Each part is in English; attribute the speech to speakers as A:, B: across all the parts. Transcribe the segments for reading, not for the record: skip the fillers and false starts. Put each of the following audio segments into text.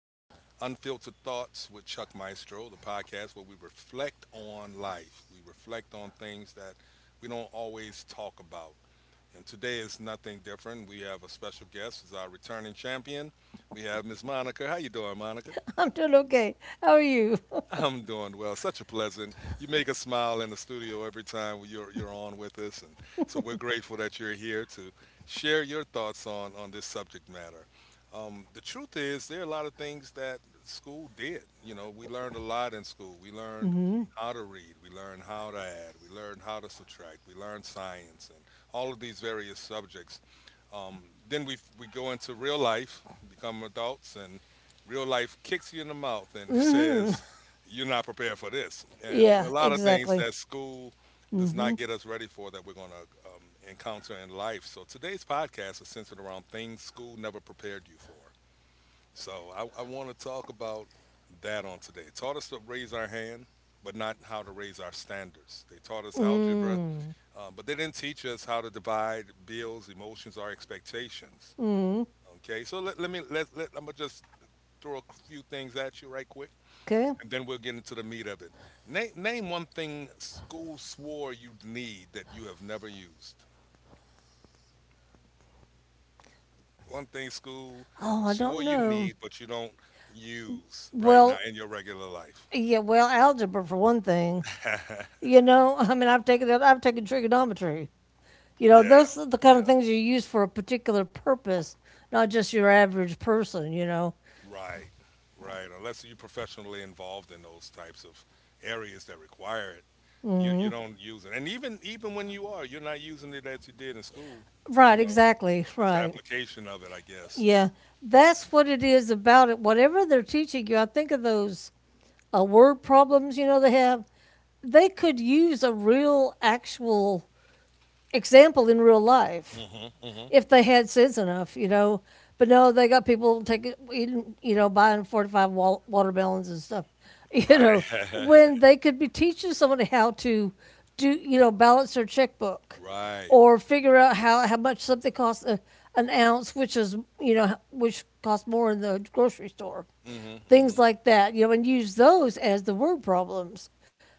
A: um, Unfiltered Thoughts with Chuck Maestro, the podcast where we reflect on life. We reflect on things that we don't always talk about. And today is nothing different. We have a special guest, is our returning champion. We have Miss Monica. How you doing, Monica?
B: I'm doing okay. How are you?
A: I'm doing well. Such a pleasant. You make us smile in the studio every time you're on with us, and so we're grateful that you're here to share your thoughts on this subject matter. The truth is, there are a lot of things that school did. You know, we learned a lot in school. We learned how to read. We learned how to add. We learned how to subtract. We learned science and all of these various subjects. Then we go into real life, become adults, and real life kicks you in the mouth and says, you're not prepared for this. And there are
B: Yeah,
A: a lot of things
B: exactly.
A: that school does
B: Mm-hmm.
A: not get us ready for that we're going to encounter in life. So today's podcast is centered around things school never prepared you for. So I want to talk about that on today. Taught us to raise our hand, but not how to raise our standards. They taught us algebra,
B: Mm.
A: but they didn't teach us how to divide bills, emotions, or expectations.
B: Mm.
A: Okay, so let, let me let, let I'm gonna just throw a few things at you right quick
B: Okay.
A: and then we'll get into the meat of it. Name one thing school swore you would need that you have never used. One thing school
B: Oh, I
A: swore
B: don't
A: you
B: know.
A: need, but you don't use right now
B: Well,
A: in your regular life.
B: yeah, well, algebra for one thing.
A: Yeah,
B: You know, I mean, I've taken trigonometry. You know, those are the kind
A: yeah,
B: of things you use for a particular purpose, not just your average person. You know.
A: right, right. Unless you're professionally involved in those types of areas that require it, you
B: Mm.
A: don't use it. And even when you are, you're not using it as you did in school. You
B: Right,
A: know,
B: exactly.
A: it's the
B: Right.
A: application of it, I guess.
B: Yeah. That's what it is about it. Whatever they're teaching you, I think of those word problems, you know, they have. They could use a real, actual example in real life
A: Hmm, hmm.
B: if they had sense enough, you know. But no, they got people taking, you know, buying four to five watermelons and stuff, you
A: Right.
B: know, when they could be teaching somebody how to do, you know, balance their checkbook
A: Right.
B: or figure out how much something costs a, an ounce, which is, you know, which costs more in the grocery store,
A: Hmm,
B: things
A: hmm.
B: like that, you know, and use those as the word problems.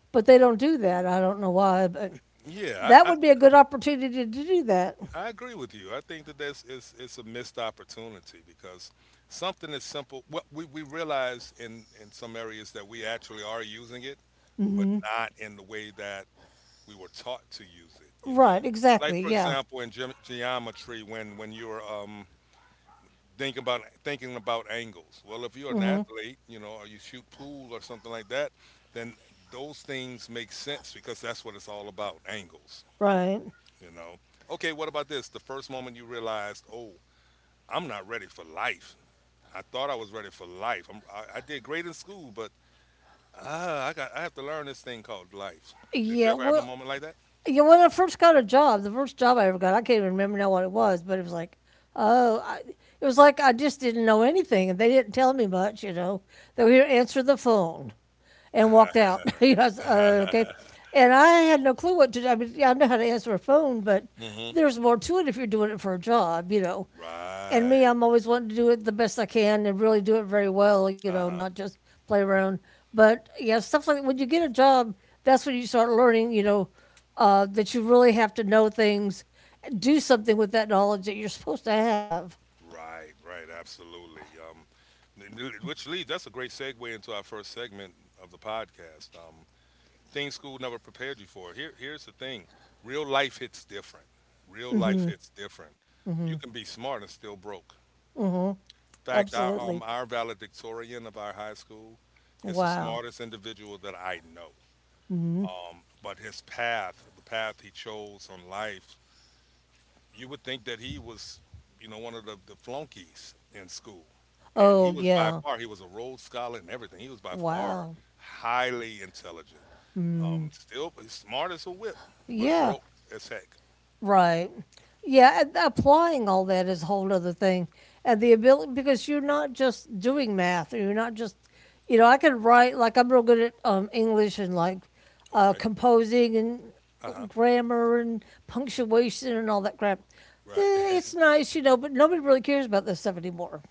B: But they don't do that. I don't know why, but
A: Yeah,
B: that would be a good opportunity to do that.
A: I agree with you. I think that that's it's a missed opportunity because something as simple. What we realize in some areas that we actually are using it, but
B: Hmm.
A: not in the way that we were taught to use it. You know,
B: Right,
A: like
B: exactly.
A: for
B: Yeah.
A: example, in geometry, when you're thinking about angles. Well, if you're an
B: Hmm.
A: athlete, you know, or you shoot pool or something like that, then those things make sense because that's what it's all about, angles.
B: Right.
A: You know, okay, what about this? The first moment you realized, oh, I'm not ready for life. I thought I was ready for life. I did great in school, but ah, I have to learn this thing called life. Did you
B: Yeah.
A: ever have a
B: Well,
A: moment like that?
B: you know, when I first got a job, the first job I ever got, I can't even remember now what it was, but it was like, oh, I, it was like I just didn't know anything and they didn't tell me much, you know. They were here to answer the phone and walked out. You know, I was okay. And I had no clue what to do. I mean, yeah, I know how to answer a phone, but
A: Hmm.
B: there's more to it if you're doing it for a job, you know. And me,
A: Right.
B: I'm always wanting to do it the best I can and really do it very well, you know,
A: Uh huh.
B: not just play around. But yeah, stuff like that. When you get a job, that's when you start learning, you know, that you really have to know things, do something with that knowledge that you're supposed to have.
A: Right. Right. Absolutely. Um, which leads that's a great segue into our first segment of the podcast. Things school never prepared you for. Here, here's the thing: real life hits different. Real life hits different.
B: Mm-hmm.
A: You can be smart and still broke.
B: Mm-hmm.
A: In fact,
B: Absolutely.
A: our valedictorian of our high school is the
B: Wow.
A: smartest individual that I know.
B: Mm-hmm.
A: But his path, the path he chose on life, you would think that he was, you know, one of the flunkies in school. And he
B: Oh,
A: was by
B: yeah.
A: far, he was a Rhodes Scholar and everything. He was by far
B: Wow.
A: highly intelligent.
B: Mm,
A: Still he's smart as a whip, but
B: yeah,
A: broke as heck.
B: right. Yeah, and applying all that is a whole other thing. And the ability, because you're not just doing math, you're not just, you know, I could write, like, I'm real good at English and like
A: Okay.
B: composing and
A: Uh huh.
B: grammar and punctuation and all that crap.
A: Right.
B: It's nice, you know, but nobody really cares about this stuff anymore.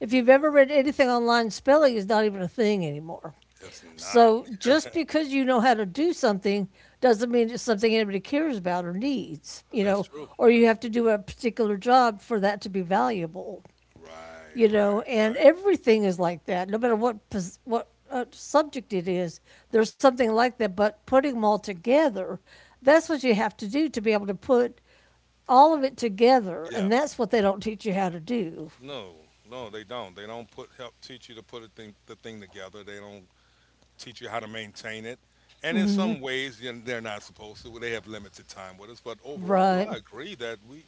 B: If you've ever
A: Yeah.
B: read anything online, spelling is not even a thing anymore.
A: It's not.
B: So just because you know how to do something doesn't mean it's something anybody cares about or needs, you
A: That's
B: know,
A: true.
B: or you
A: That's
B: have
A: true.
B: to do a particular job for that to be valuable,
A: Right,
B: you know,
A: right,
B: and
A: right.
B: everything is like that, no matter what subject it is. There's something like that, but putting them all together, that's what you have to do to be able to put all of it together,
A: Yeah.
B: and that's what they don't teach you how to do.
A: No, no, they don't. They don't put help teach you to put a thing, the thing together. They don't teach you how to maintain it. And in some ways, you know, they're not supposed to. Well, they have limited time with us. But overall,
B: Right.
A: I agree that we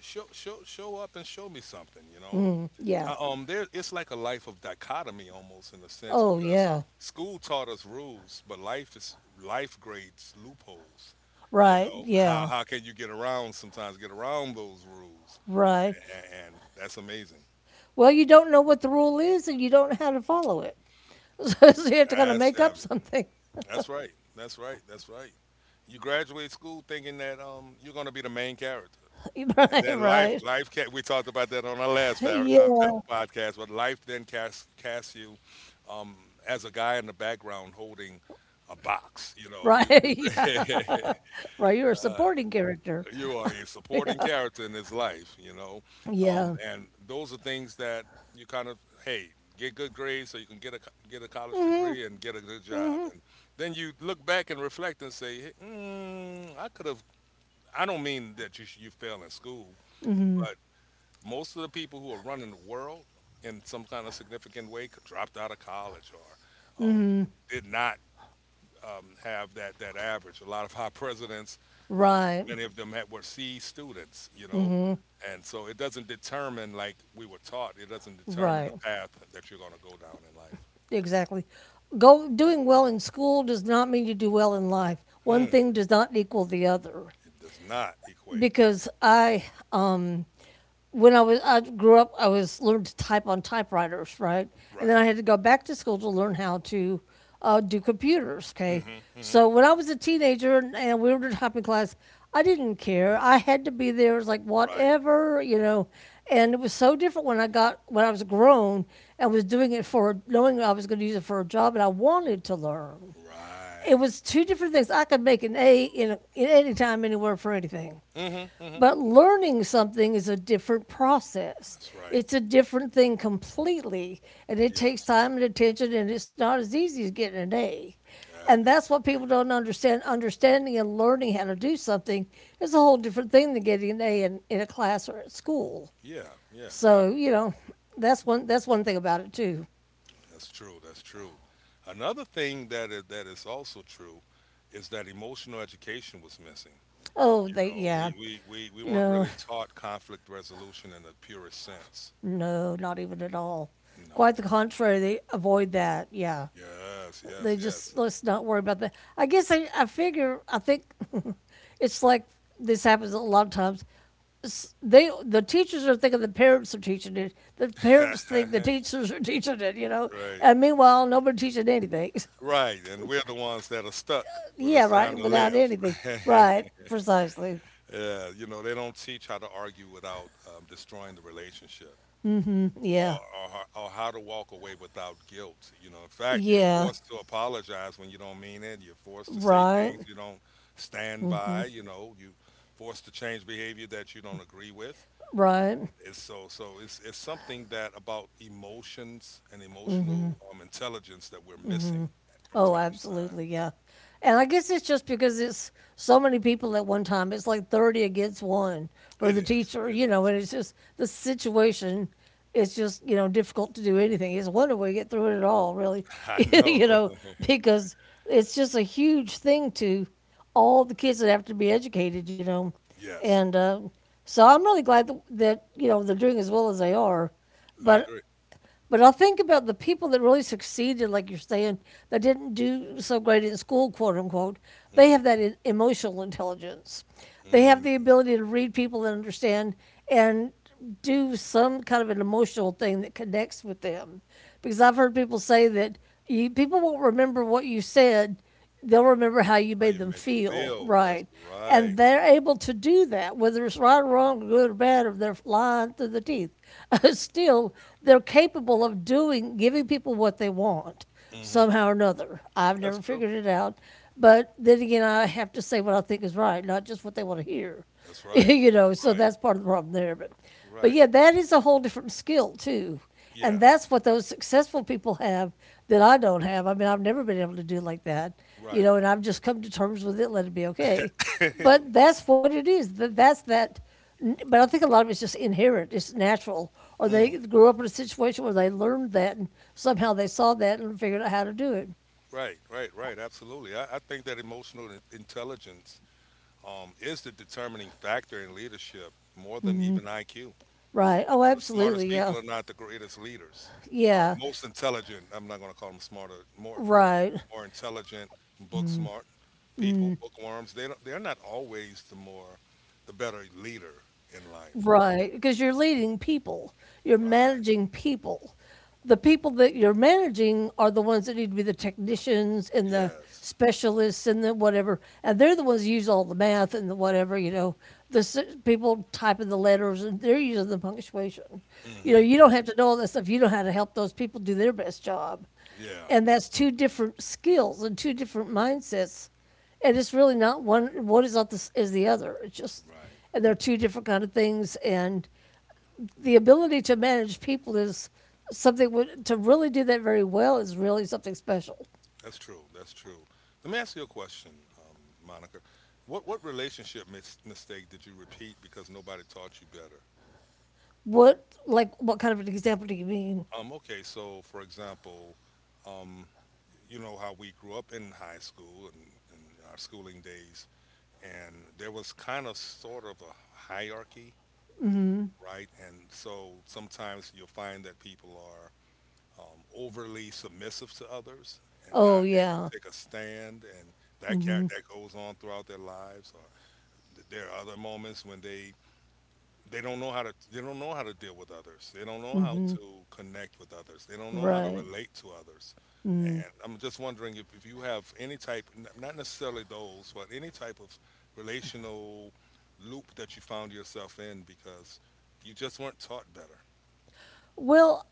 A: show up and show me something. You know,
B: Mm, yeah.
A: there it's like a life of dichotomy almost in a sense
B: Oh,
A: because
B: yeah.
A: school taught us rules, but life is life grades loopholes. You
B: Right.
A: know,
B: Yeah.
A: how can you get around sometimes get around those rules?
B: Right.
A: And that's amazing.
B: Well, you don't know what the rule is and you don't know how to follow it. So you have to kind of
A: That's
B: make up
A: heavy.
B: something.
A: That's right. That's right. That's right. You graduate school thinking that you're gonna be the main character, and
B: Right,
A: then life
B: right.
A: life we talked about that on our last
B: Yeah,
A: podcast. But life then casts you um as a guy in the background holding a box. You know
B: right. Yeah,
A: you
B: right. You're a supporting character.
A: you are a supporting character in his life, you know. Um,
B: Yeah,
A: and those are things that you kind of hey get good grades so you can get a get a college degree and get a good job, and then you look back and reflect and say, hey, mm, I could have. I don't mean that you you fail in school, but most of the people who are running the world in some kind of significant way could dropped out of college or did not have that average. A lot of our presidents, um,
B: right,
A: many of them had, were C students, you know, and so it doesn't determine like we were taught. It doesn't determine
B: right.
A: the path that you're going to go down in life.
B: Exactly. Go doing well in school does not mean you do well in life. One
A: Hmm.
B: thing does not equal the other,
A: It does not equate.
B: because I um, when I grew up, I was learned to type on typewriters, right? And then
A: Right.
B: I had to go back to school to learn how to do computers.
A: Mm
B: Okay,
A: hmm, mm hmm.
B: so when I was a teenager, and we were in typing class, I didn't care. I had to be there. It was like
A: Right.
B: whatever, you know. And it was so different when I was grown and was doing it for knowing I was going to use it for a job and I wanted to learn. It
A: Right.
B: was two different things. I could make an A in any time, anywhere for anything.
A: Mm hmm, mm
B: But
A: hmm.
B: learning something is a different process.
A: That's right.
B: It's a different thing completely. And it takes
A: Yes.
B: time and attention, and it's not as easy as getting an A. And
A: That is
B: that's what people
A: right.
B: don't understand. Understanding and learning how to do something is a whole different thing than getting an A in a class or at school.
A: Yeah. Yeah.
B: So, you know, that's one thing about it too.
A: That's true. That's true. Another thing that is also true is that emotional education was missing.
B: Oh, they
A: No,
B: yeah.
A: we weren't
B: No,
A: really taught conflict resolution in the purest sense.
B: no, not even at all. Quite
A: No.
B: the contrary, they avoid that, yeah.
A: Yes,
B: They
A: yes, yes.
B: just, let's not worry about that. I guess I figure I think it's like this happens a lot of times. The teachers are thinking the parents are teaching it. The parents think the teachers are teaching it. You know,
A: Right,
B: and meanwhile nobody teaching anything.
A: right. And we're the ones that are stuck when
B: Yeah,
A: it's time
B: right.
A: to
B: Without
A: live.
B: anything. Right. Precisely.
A: Yeah, you know, they don't teach how to argue without destroying the relationship. Or,
B: Yeah.
A: or, or how to walk away without guilt. You know, in fact, you're
B: Yeah.
A: forced to apologize when you don't mean it. You're forced to say
B: Right.
A: things you don't stand by. You know, you forced to change behavior that you don't agree with.
B: Right.
A: It's so, so it's something that about emotions and emotional intelligence that we're missing from
B: Oh,
A: time to time.
B: absolutely, yeah. And I guess it's just because it's so many people at one time. It's like 30 against one for
A: It
B: the
A: is.
B: teacher,
A: It
B: you know,
A: is.
B: and it's just the situation. It's just, you know, difficult to do anything. It's a wonder we get through it at all, really,
A: I know.
B: you know, because it's just a huge thing, to all the kids that have to be educated, you know.
A: Yes,
B: And so I'm really glad that, you know, they're doing as well as they are.
A: I
B: But
A: agree.
B: I'll think about the people that really succeeded, like you're saying, that didn't do so great in school, quote unquote. They
A: Hmm.
B: have that emotional intelligence. They have the
A: Mm.
B: ability to read people and understand and do some kind of an emotional thing that connects with them. Because I've heard people say that people won't remember what you said, they'll remember how you
A: How
B: made
A: you
B: them
A: make them
B: feel,
A: feel? That's
B: right,
A: right.
B: and they're able to do that, whether it's right or wrong, good or bad, or they're lying through the teeth, still they're capable of doing giving people what they want
A: Hmm.
B: somehow or another. I've
A: That's
B: never
A: true.
B: figured it out, but then again, I have to say what I think is right, not just what they want to hear.
A: That's right.
B: You know,
A: That's
B: so
A: right.
B: that's part of the problem there. But,
A: Right.
B: yeah, that is a whole different skill too, and
A: Yeah.
B: that's what those successful people have that I don't have. I mean, I've never been able to do like that, you
A: Right.
B: know, and I've just come to terms with it, let it be okay. But that's what it is. That's that. But I think a lot of it's just inherent. It's natural, or they
A: Mm,
B: grew up in a situation where they learned that, and somehow they saw that and figured out how to do it.
A: right. Right. Right. Absolutely. I think that emotional intelligence is the determining factor in leadership more than even IQ.
B: Right. Oh,
A: No, the smartest
B: absolutely.
A: people
B: Yeah.
A: are not the greatest leaders. Or
B: Yeah.
A: most intelligent. I'm not going to call them smarter. More, you know,
B: Right.
A: more intelligent, book smart people, bookworms. They don't. They're not always the more, the better leader in life.
B: Right, because you're leading people, you're
A: Right.
B: managing people. The people that you're managing are the ones that need to be the technicians and the
A: Yes.
B: specialists and the whatever, and they're the ones who use all the math and the whatever. You know, the people typing the letters and they're using the punctuation. You know,
A: Mm-hmm.
B: you don't have to know all that stuff. You know how to help those people do their best job,
A: Yeah.
B: and that's two different skills and two different mindsets, and it's really not one. Is not is the other. It's just,
A: Right.
B: and they're two different kind of things, and the ability to manage people is something. To really do that very well is really something special.
A: That's true. That's true. Let me ask you a question, Monica. What relationship mistake did you repeat because nobody taught you better?
B: What, like what kind of an example do you mean?
A: Okay. So, for example. um, you know how we grew up in high school and our schooling days, and there was kind of sort of a hierarchy, right? And so sometimes you'll find that people are overly submissive to others and not able
B: Oh,
A: to
B: yeah.
A: take a stand, and that
B: Mm-hmm.
A: that goes on throughout their lives. Or there are other moments when they don't know how to they don't know how to deal with others. They don't know how to connect with others. They don't know how to
B: Right.
A: relate to others.
B: Mm.
A: And I'm just wondering if you have any type, not necessarily those, but any type of relational loop that you found yourself in because you just weren't taught better.
B: well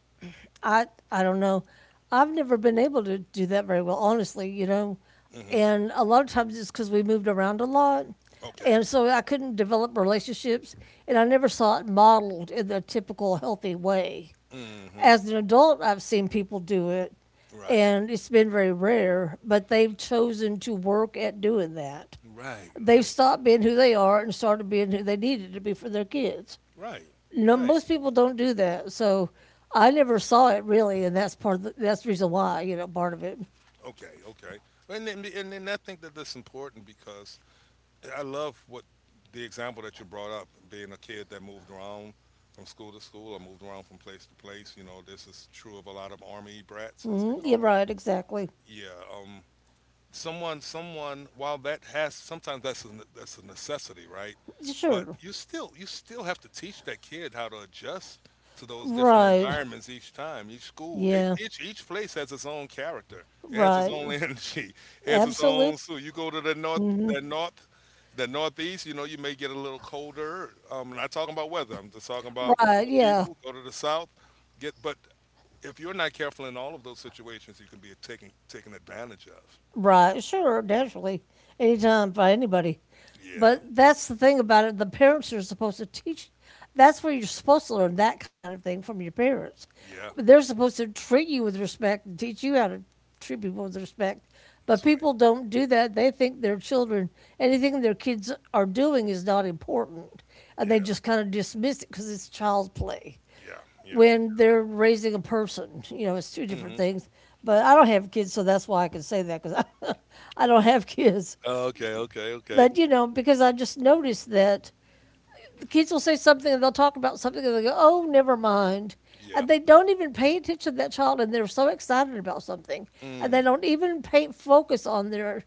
B: I I don't know. I've never been able to do that very well, honestly, you know.
A: Hmm.
B: And a lot of times it's because we moved around a lot.
A: Okay.
B: And so I couldn't develop relationships, and I never saw it modeled in the typical healthy way.
A: Hmm.
B: As an adult, I've seen people do it,
A: Right.
B: and it's been very rare, but they've chosen to work at doing that.
A: Right.
B: They've
A: Right.
B: stopped being who they are and started being who they needed to be for their kids.
A: Right.
B: No,
A: Right.
B: most people don't do that. So I never saw it really, and that's part of that's the reason why, you know, part of it.
A: Okay. Okay. And then I think that that's important because I love what the example that you brought up, being a kid that moved around from school to school or moved around from place to place. You know, this is true of a lot of army brats, as they
B: Mm, yeah,
A: call them.
B: right. Exactly.
A: Yeah. Someone while that has sometimes that's a, that's a necessity, right? But
B: Sure.
A: you still have to teach that kid how to adjust to those different
B: Right.
A: environments, each time each school
B: Yeah.
A: each place has its own character, it has its
B: Right.
A: own energy, it has its
B: Absolutely.
A: own, so you go to the north, the north, the northeast, you know, you may get a little colder. I'm not talking about weather, I'm just talking about for
B: Right.
A: the
B: Yeah.
A: people. Go to the south, get, but if you're not careful in all of those situations you can be taken advantage of.
B: Right, sure, naturally, anytime by anybody.
A: Yeah.
B: But that's the thing about it. The parents are supposed to teach. That's where you're supposed to learn that kind of thing from your parents.
A: Yeah,
B: But they're supposed to treat you with respect and teach you how to treat people with respect. But
A: that's right.
B: people don't do that. They think anything their kids are doing is not important. And they
A: Yeah,
B: just kind of dismiss it because it's child's play,
A: yeah, yeah.
B: when they're raising a person. You know, it's two different
A: Mhm.
B: things. But I don't have kids, so that's why I can say that because I, I don't have kids.
A: Okay, okay, okay.
B: But, because I just noticed that the kids will say something and they'll talk about something and they go, oh, never mind.
A: Yeah.
B: And they don't even pay attention to that child and they're so excited about something. And they
A: Mm.
B: don't even pay focus on their,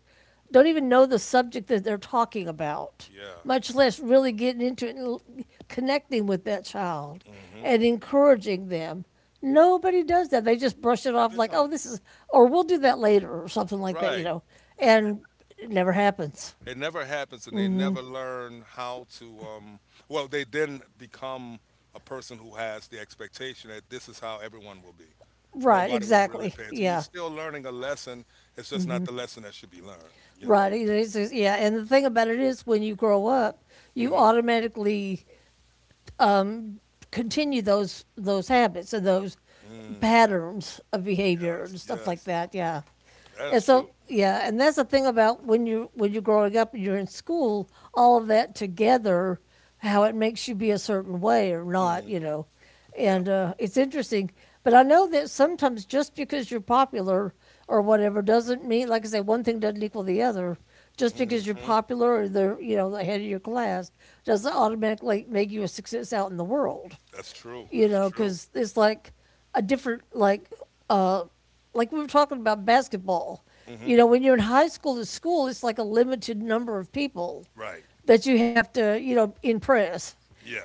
B: don't even know the subject that they're talking about,
A: Yeah.
B: much less really getting into it and connecting with that child
A: Mhm.
B: and encouraging them. Nobody does that. They just brush it off
A: They
B: like, oh,
A: don't.
B: this is, or we'll do that later or something like that,
A: Right. And
B: And it never happens.
A: it never happens, and they never learn how to. Well, they then become a person who has the expectation that this is how everyone will be.
B: Right,
A: Nobody will really
B: exactly.
A: pay attention. You're
B: Yeah.
A: still learning a lesson. It's just not the lesson that should be learned. You know.
B: Right. Just, yeah. And the thing about it is, when you grow up, you
A: Mhm.
B: automatically um, continue those habits and those
A: Mm.
B: patterns of behavior
A: Yes.
B: and stuff like
A: Yes.
B: that. Yeah.
A: That is
B: And
A: true.
B: so yeah, and that's the thing about when you when you're growing up and you're in school, all of that together, how it makes you be a certain way or not,
A: Mhm.
B: you know
A: Yeah.
B: and it's interesting. But I know that sometimes just because you're popular or whatever doesn't mean, like I say, one thing doesn't equal the other. Just because you're
A: Mm-hmm.
B: popular or they're you know the head of your class doesn't automatically make you a success out in the world
A: That's true.
B: you
A: That's
B: know,
A: true.
B: because it's like a different, uh, like we were talking about basketball.
A: hmm
B: You know, when you're in high school to school, it's like a limited number of people
A: Right.
B: that you have to, you know, impress.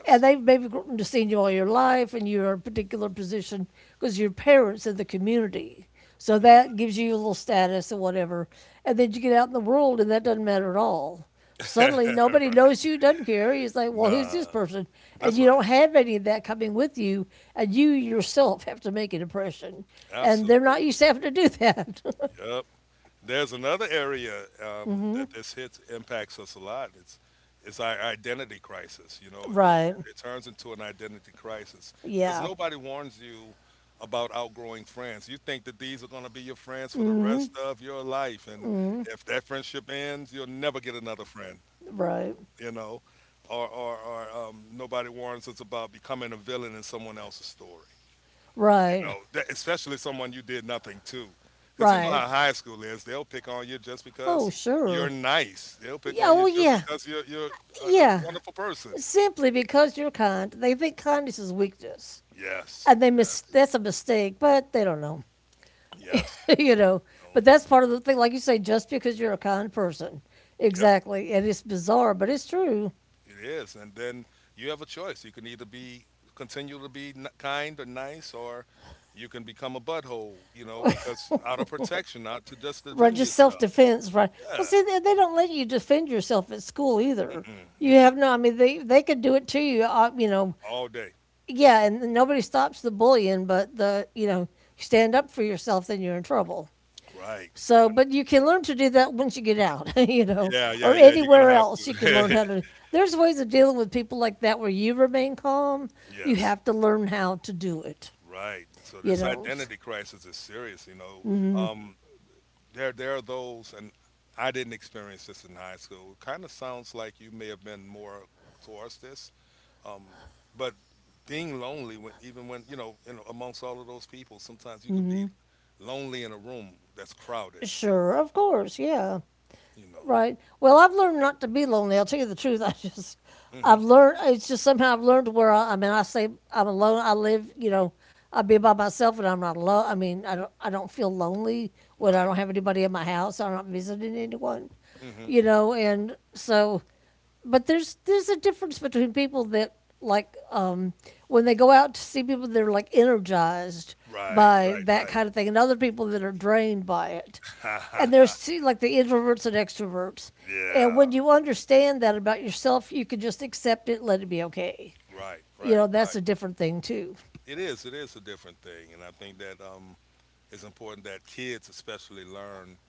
B: And they've maybe grown to seen you all your life and you're in a particular position because your parents in the community. So
A: Mhm.
B: that gives you a little status or whatever. And then you get out in the world and that doesn't matter at all. Suddenly, nobody
A: right.
B: knows you, doesn't care. He's like, well, who's this
A: Nah.
B: person? And
A: That's
B: you
A: right.
B: don't have any of that coming with you, and you yourself have to make an impression. And they're not used
A: Absolutely.
B: to having to do that.
A: Yep. There's another area that this hits impacts us a lot. It's our identity crisis. You know, it, it,
B: Right.
A: it turns into an identity crisis because
B: Yeah.
A: nobody warns you about outgrowing friends. You think that these are going to be your friends for the rest of your life, and if that friendship ends, you'll never get another friend.
B: Right.
A: You know, or nobody warns us about becoming a villain in someone else's story.
B: Right.
A: You know, that, especially someone you did nothing to, because you know
B: Right.
A: how high school is. They'll pick on you just
B: Oh,
A: because you're
B: sure.
A: nice. They'll pick
B: Yeah,
A: on
B: oh,
A: you just
B: yeah.
A: because you're a
B: Yeah.
A: wonderful person.
B: Simply because you're kind, they think kindness is weakness.
A: Yes,
B: And they mis- that's a mistake, but they don't know.
A: yes,
B: you know.
A: no,
B: But that's part of the thing, like you say, just because you're a kind person,
A: yep,
B: exactly, and it's bizarre, but it's true.
A: it is. And then you have a choice. You can either be continue to be kind or nice, or you can become a butthole. You know, because out of protection, not to just
B: Right,
A: defend
B: just self
A: yourself.
B: defense, right? Well,
A: Yeah.
B: see, they don't let you defend yourself at school either.
A: Mm-mm,
B: You
A: mm-mm.
B: have no, I mean, they could do it to you, you know.
A: All day.
B: Yeah, and nobody stops the bullying, but the you know, you stand up for yourself, then you're in trouble.
A: Right.
B: So,
A: And-
B: but you can learn to do that once you get out, you know,
A: Yeah, yeah,
B: or
A: yeah. You're
B: anywhere
A: gonna have
B: else you can learn
A: to.
B: how to. There's ways of dealing with people like that where you remain calm. You
A: yes.
B: have to learn how to do it,
A: Right. So
B: you
A: this
B: know.
A: identity crisis is serious. You know, um, there there are those, and I didn't experience this in high school. It kind of sounds like you may have been more towards this, um, but being lonely, when even when you know, in, amongst all of those people, sometimes you could
B: Hmm.
A: be lonely in a room that's crowded.
B: Sure, of course, yeah.
A: You know.
B: Right. Well, I've learned not to be lonely. I'll tell you the truth. I just,
A: hmm
B: I've learned, it's just somehow I've learned where I mean, I say I'm alone. I live, you know, I be by myself and I'm not alone. I mean, I don't feel lonely when I
A: Right.
B: don't have anybody in my house. I'm not visiting anyone,
A: hmm
B: you know, and so, but there's a difference between people that like, when they go out to see people, they're like energized
A: Right.
B: by that
A: Right.
B: kind of thing and other people that are drained by it
A: Right.
B: and there's two, like the introverts and extroverts. And
A: Yeah,
B: when you understand that about yourself, you can just accept it, let it be okay.
A: right,
B: You
A: right,
B: know, that's
A: right.
B: a different thing too.
A: It is. It is a different thing, and I think that it's important that kids, especially, learn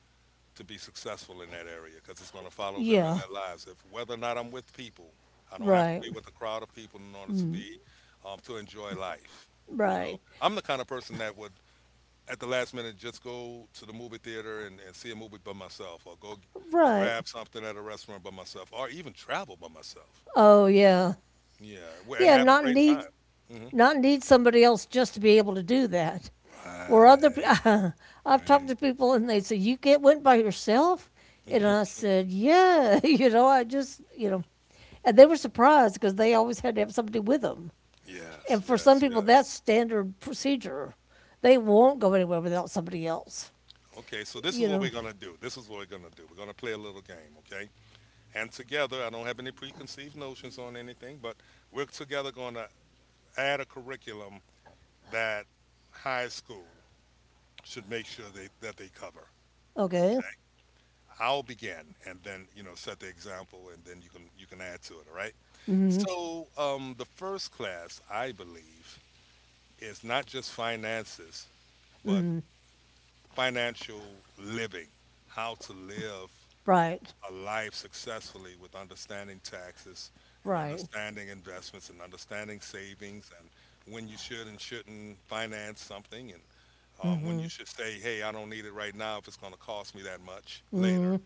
A: to be successful in that area because it's going to follow them in
B: Yeah,
A: their lives. If whether or not I'm with people, I don't have to
B: right,
A: be with a crowd of people in order to be to enjoy life. You
B: right,
A: know, I'm the kind of person that would, at the last minute, just go to the movie theater and see a movie by myself, or go
B: right.
A: grab something at a restaurant by myself, or even travel by myself.
B: Oh yeah,
A: Yeah, and
B: yeah.
A: have a great time. Mm-hmm.
B: Not need somebody else just to be able to do that. Or other, pe-
A: Right,
B: I've talked
A: right.
B: to people and they say you get went by yourself, and I said yeah. You know, I just you know, and they were surprised because they always had to have somebody with them.
A: Yes,
B: And for some
A: yes,
B: people,
A: yes.
B: that's standard procedure. They won't go anywhere without somebody else,
A: Okay, so this is
B: you
A: what we're
B: know.
A: gonna do. This is what we're gonna do. We're gonna play a little game, okay? And together, I don't have any preconceived notions on anything, but we're together gonna add a curriculum that high school should make sure they that they cover.
B: Okay.
A: Okay. I'll begin and then, you know, set the example and then you can add to it, all right?
B: Mm-hmm.
A: So, the first class, I believe, is not just finances, but financial living, how to live
B: Right.
A: a life successfully with understanding taxes and
B: Right.
A: understanding investments and understanding savings and when you should and shouldn't finance something and when you should say, hey, I don't need it right now if it's going to cost me that much later.
B: Mm-hmm.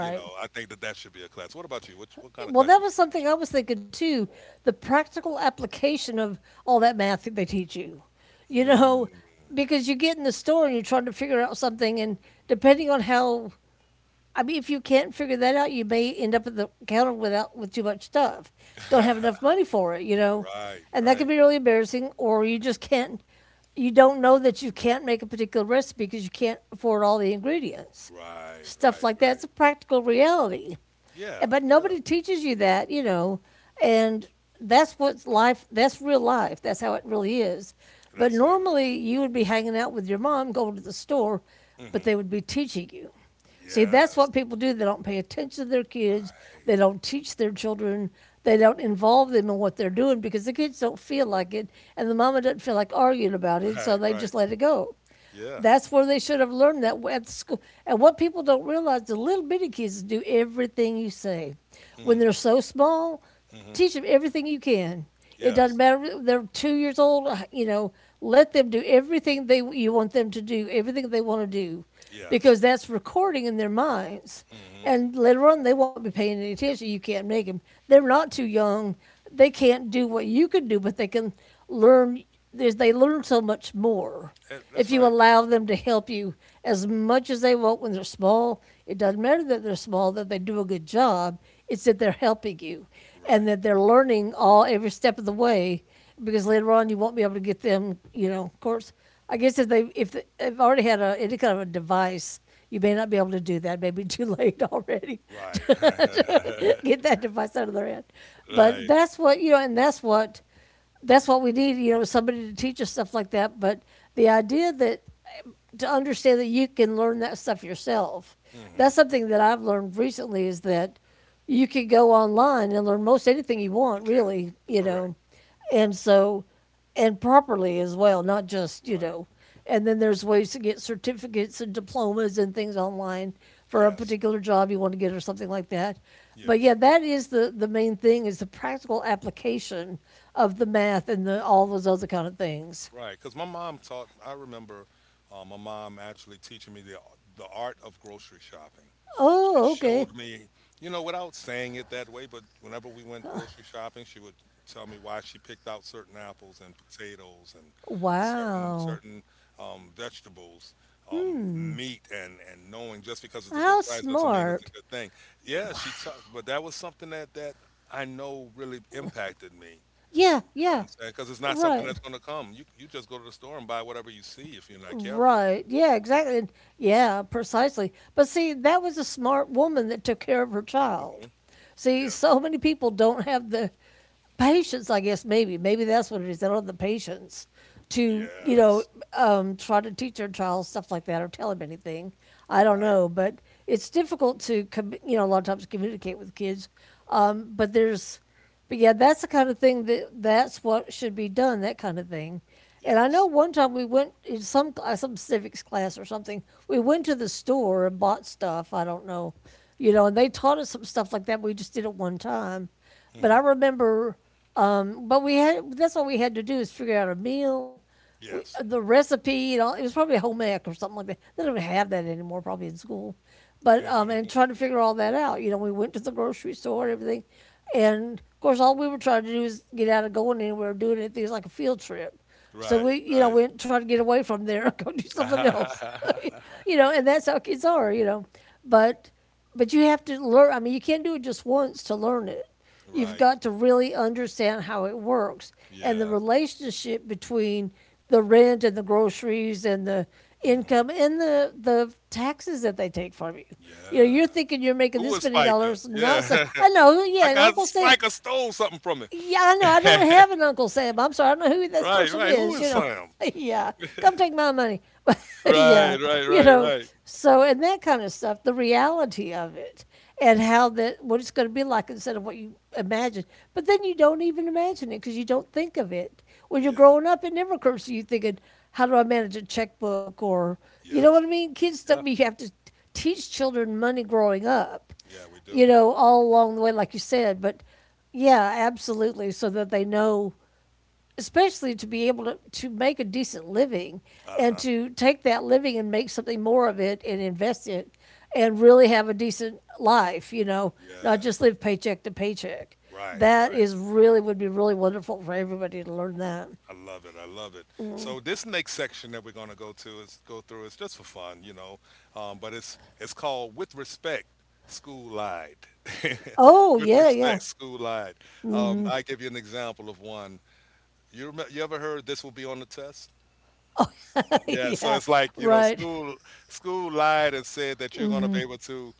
A: You know, I think that that should be a class. What about you? What kind of
B: Well,
A: class
B: that
A: you want
B: was something I was thinking too the practical application of all that math that they teach you. You know,
A: to
B: because you get in the store and you're trying to figure out something, and depending on how I mean, if you can't figure that out, you may end up at the counter without with too much stuff.
A: teach?
B: Don't have
A: Mm.
B: enough money for it, you know,
A: right,
B: and that can
A: right,
B: be really embarrassing. Or you just can't. You don't know that you can't make a particular recipe because you can't afford all the ingredients
A: right,
B: stuff
A: right,
B: like that.
A: right.
B: It's a practical reality. Eh,
A: Yeah,
B: but
A: yeah,
B: nobody teaches you that, you know, and that's what's life, that's real life. That's how it really is. But
A: absolutely.
B: normally you would be hanging out with your mom, going to the store, but
A: hmm
B: they would be teaching you. See, that's what
A: Yes.
B: people do. They don't pay attention to their kids.
A: Right,
B: They don't teach their children. They don't involve them in what they're doing because the kids don't feel like it and the mama doesn't feel like arguing about it, so
A: right,
B: they
A: right.
B: just let it go.
A: Yeah.
B: That's where they should have learned that at school. And what people don't realize, the little bitty kids do everything you say. When
A: Mm,
B: they're so small,
A: hmm
B: teach them everything you can. It doesn't
A: Yes,
B: matter. They're two years old. You know, let them do everything they you want them to do. Everything they want to do
A: yes.
B: because that's recording in their minds.
A: hmm
B: And later on, they won't be paying any attention. You can't make them. They're not too young. They can't do what you can do, but they can learn. They learn so much more if
A: that's
B: you
A: right.
B: allow them to help you as much as they want when they're small. It doesn't matter that they're small, that they do a good job. It's that they're helping you and
A: Right,
B: that they're learning all every step of the way because later on you won't be able to get them, you know, of course, I guess if they have already had a any kind of a device, you may not be able to do that. Maybe too late already
A: right,
B: to to get that device out of their head. But
A: right.
B: that's what you know, and that's what we need. You know, somebody to teach us stuff like that. But the idea that to understand that you can learn that stuff yourself.
A: hmm
B: That's something that I've learned recently is that you can go online and learn most anything you
A: You
B: want,
A: can.
B: really, you
A: Correct.
B: know, and so, and properly as well, not just, you
A: Right.
B: know, and then there's ways to get certificates and diplomas and things online for a
A: Yes,
B: particular job you want to get or something like that. But
A: yes.
B: yeah, that is the main thing is the practical application of the math and the, all those other kind of things.
A: Right, because my mom taught. I remember my mom actually teaching me the art of grocery shopping. She
B: Oh, okay.
A: showed me, you know, without saying it that way, but whenever we went grocery shopping, she would tell me why she picked out certain apples and potatoes and certain
B: Wow.
A: certain um, vegetables,
B: Hmm.
A: meat, and knowing just because it's a good
B: How
A: price doesn't mean it's
B: smart.
A: a good thing. Yeah, she taught, but that was something that I know really impacted me
B: Yeah,
A: you know what
B: yeah.
A: I'm saying? Because it's not something
B: Right.
A: that's going to come. You just go to the store and buy whatever you see if you're not careful.
B: Right. Yeah, exactly. And- yeah, precisely. But see, that was a smart woman that took care of her child.
A: hmm
B: See,
A: Yes.
B: so many people don't have the patience, I guess maybe that's what it is. They don't have the patience to you know
A: Yes.
B: try to teach their child stuff like that or tell them anything. I don't
A: Right.
B: know, but it's difficult to com- you know a lot of times communicate with kids. But there's but yeah, that's the kind of thing that that's what should be done. That kind of thing. And I know
A: Yes.
B: one time we went in some cl- some civics class or something. We went to the store and bought stuff. I don't know, you know. And they taught us some stuff like that. We just did it one time, but I
A: hmm
B: remember, but we had that's what we had to do is figure out a meal, we,
A: Yes.
B: the recipe, and all. It was probably home ec or something like that. They don't even have that anymore, probably in school. But and trying to figure all that out. You know, we went to the grocery store and everything, and of course, all we were trying to do is get out of going anywhere, doing anything. It was like a field trip. So
A: right.
B: we, you know,
A: Right.
B: went trying to get away from there and go do something else, you know, and that's how kids are, you know. But but you have to learn. I mean, you can't do it just once to learn it. You've
A: right.
B: got to really understand how it works and the
A: Yeah.
B: relationship between the rent and the groceries and the
A: hmm
B: income and the taxes that they take from you. You know,
A: Yeah.
B: you're thinking you're making
A: Who
B: this
A: was
B: many
A: Spiker?
B: dollars, not so.
A: Yeah.
B: I know,
A: I
B: yeah, and
A: got
B: Uncle Sam.
A: Spiker stole something from me.
B: Yeah, I know. I don't
A: right.
B: have an Uncle Sam. I'm sorry. I don't know who this person
A: Right. Who
B: is. You
A: is
B: know,
A: Sam?
B: yeah, come take my money. But
A: Right.
B: yeah,
A: Right.
B: you
A: Right.
B: know,
A: Right.
B: so and that kind of stuff, the reality of it, and how that what it's going to be like instead of what you imagine. But then you don't even imagine it because you don't think of it when you're
A: Yeah.
B: growing up. It never occurs to you thinking, "How do I manage a checkbook?" or you know what I
A: Yes.
B: mean. Kids don't.
A: Yeah.
B: You have to teach children money growing up,
A: Yeah. We
B: you
A: do.
B: know, all along the way, like you said. But yeah, absolutely, so that they know especially to be able to make a decent living
A: Uh
B: and
A: huh.
B: to take that living and make something more of it and invest it and really have a decent life, you know, not
A: Yeah.
B: just live paycheck to paycheck.
A: Right.
B: That
A: Right.
B: is really would be really wonderful for everybody to learn that.
A: I love it. I love it. So this next section that we're going to go through is just for fun, you know. But it's called with respect. School lied.
B: Oh,
A: With
B: yeah, yeah.
A: respect, school lied. I give you an example of one. You remember, you ever heard this will be on the test? Yeah, so
B: yeah.
A: it's like, you know,
B: Right.
A: school lied and said that you're going to be able to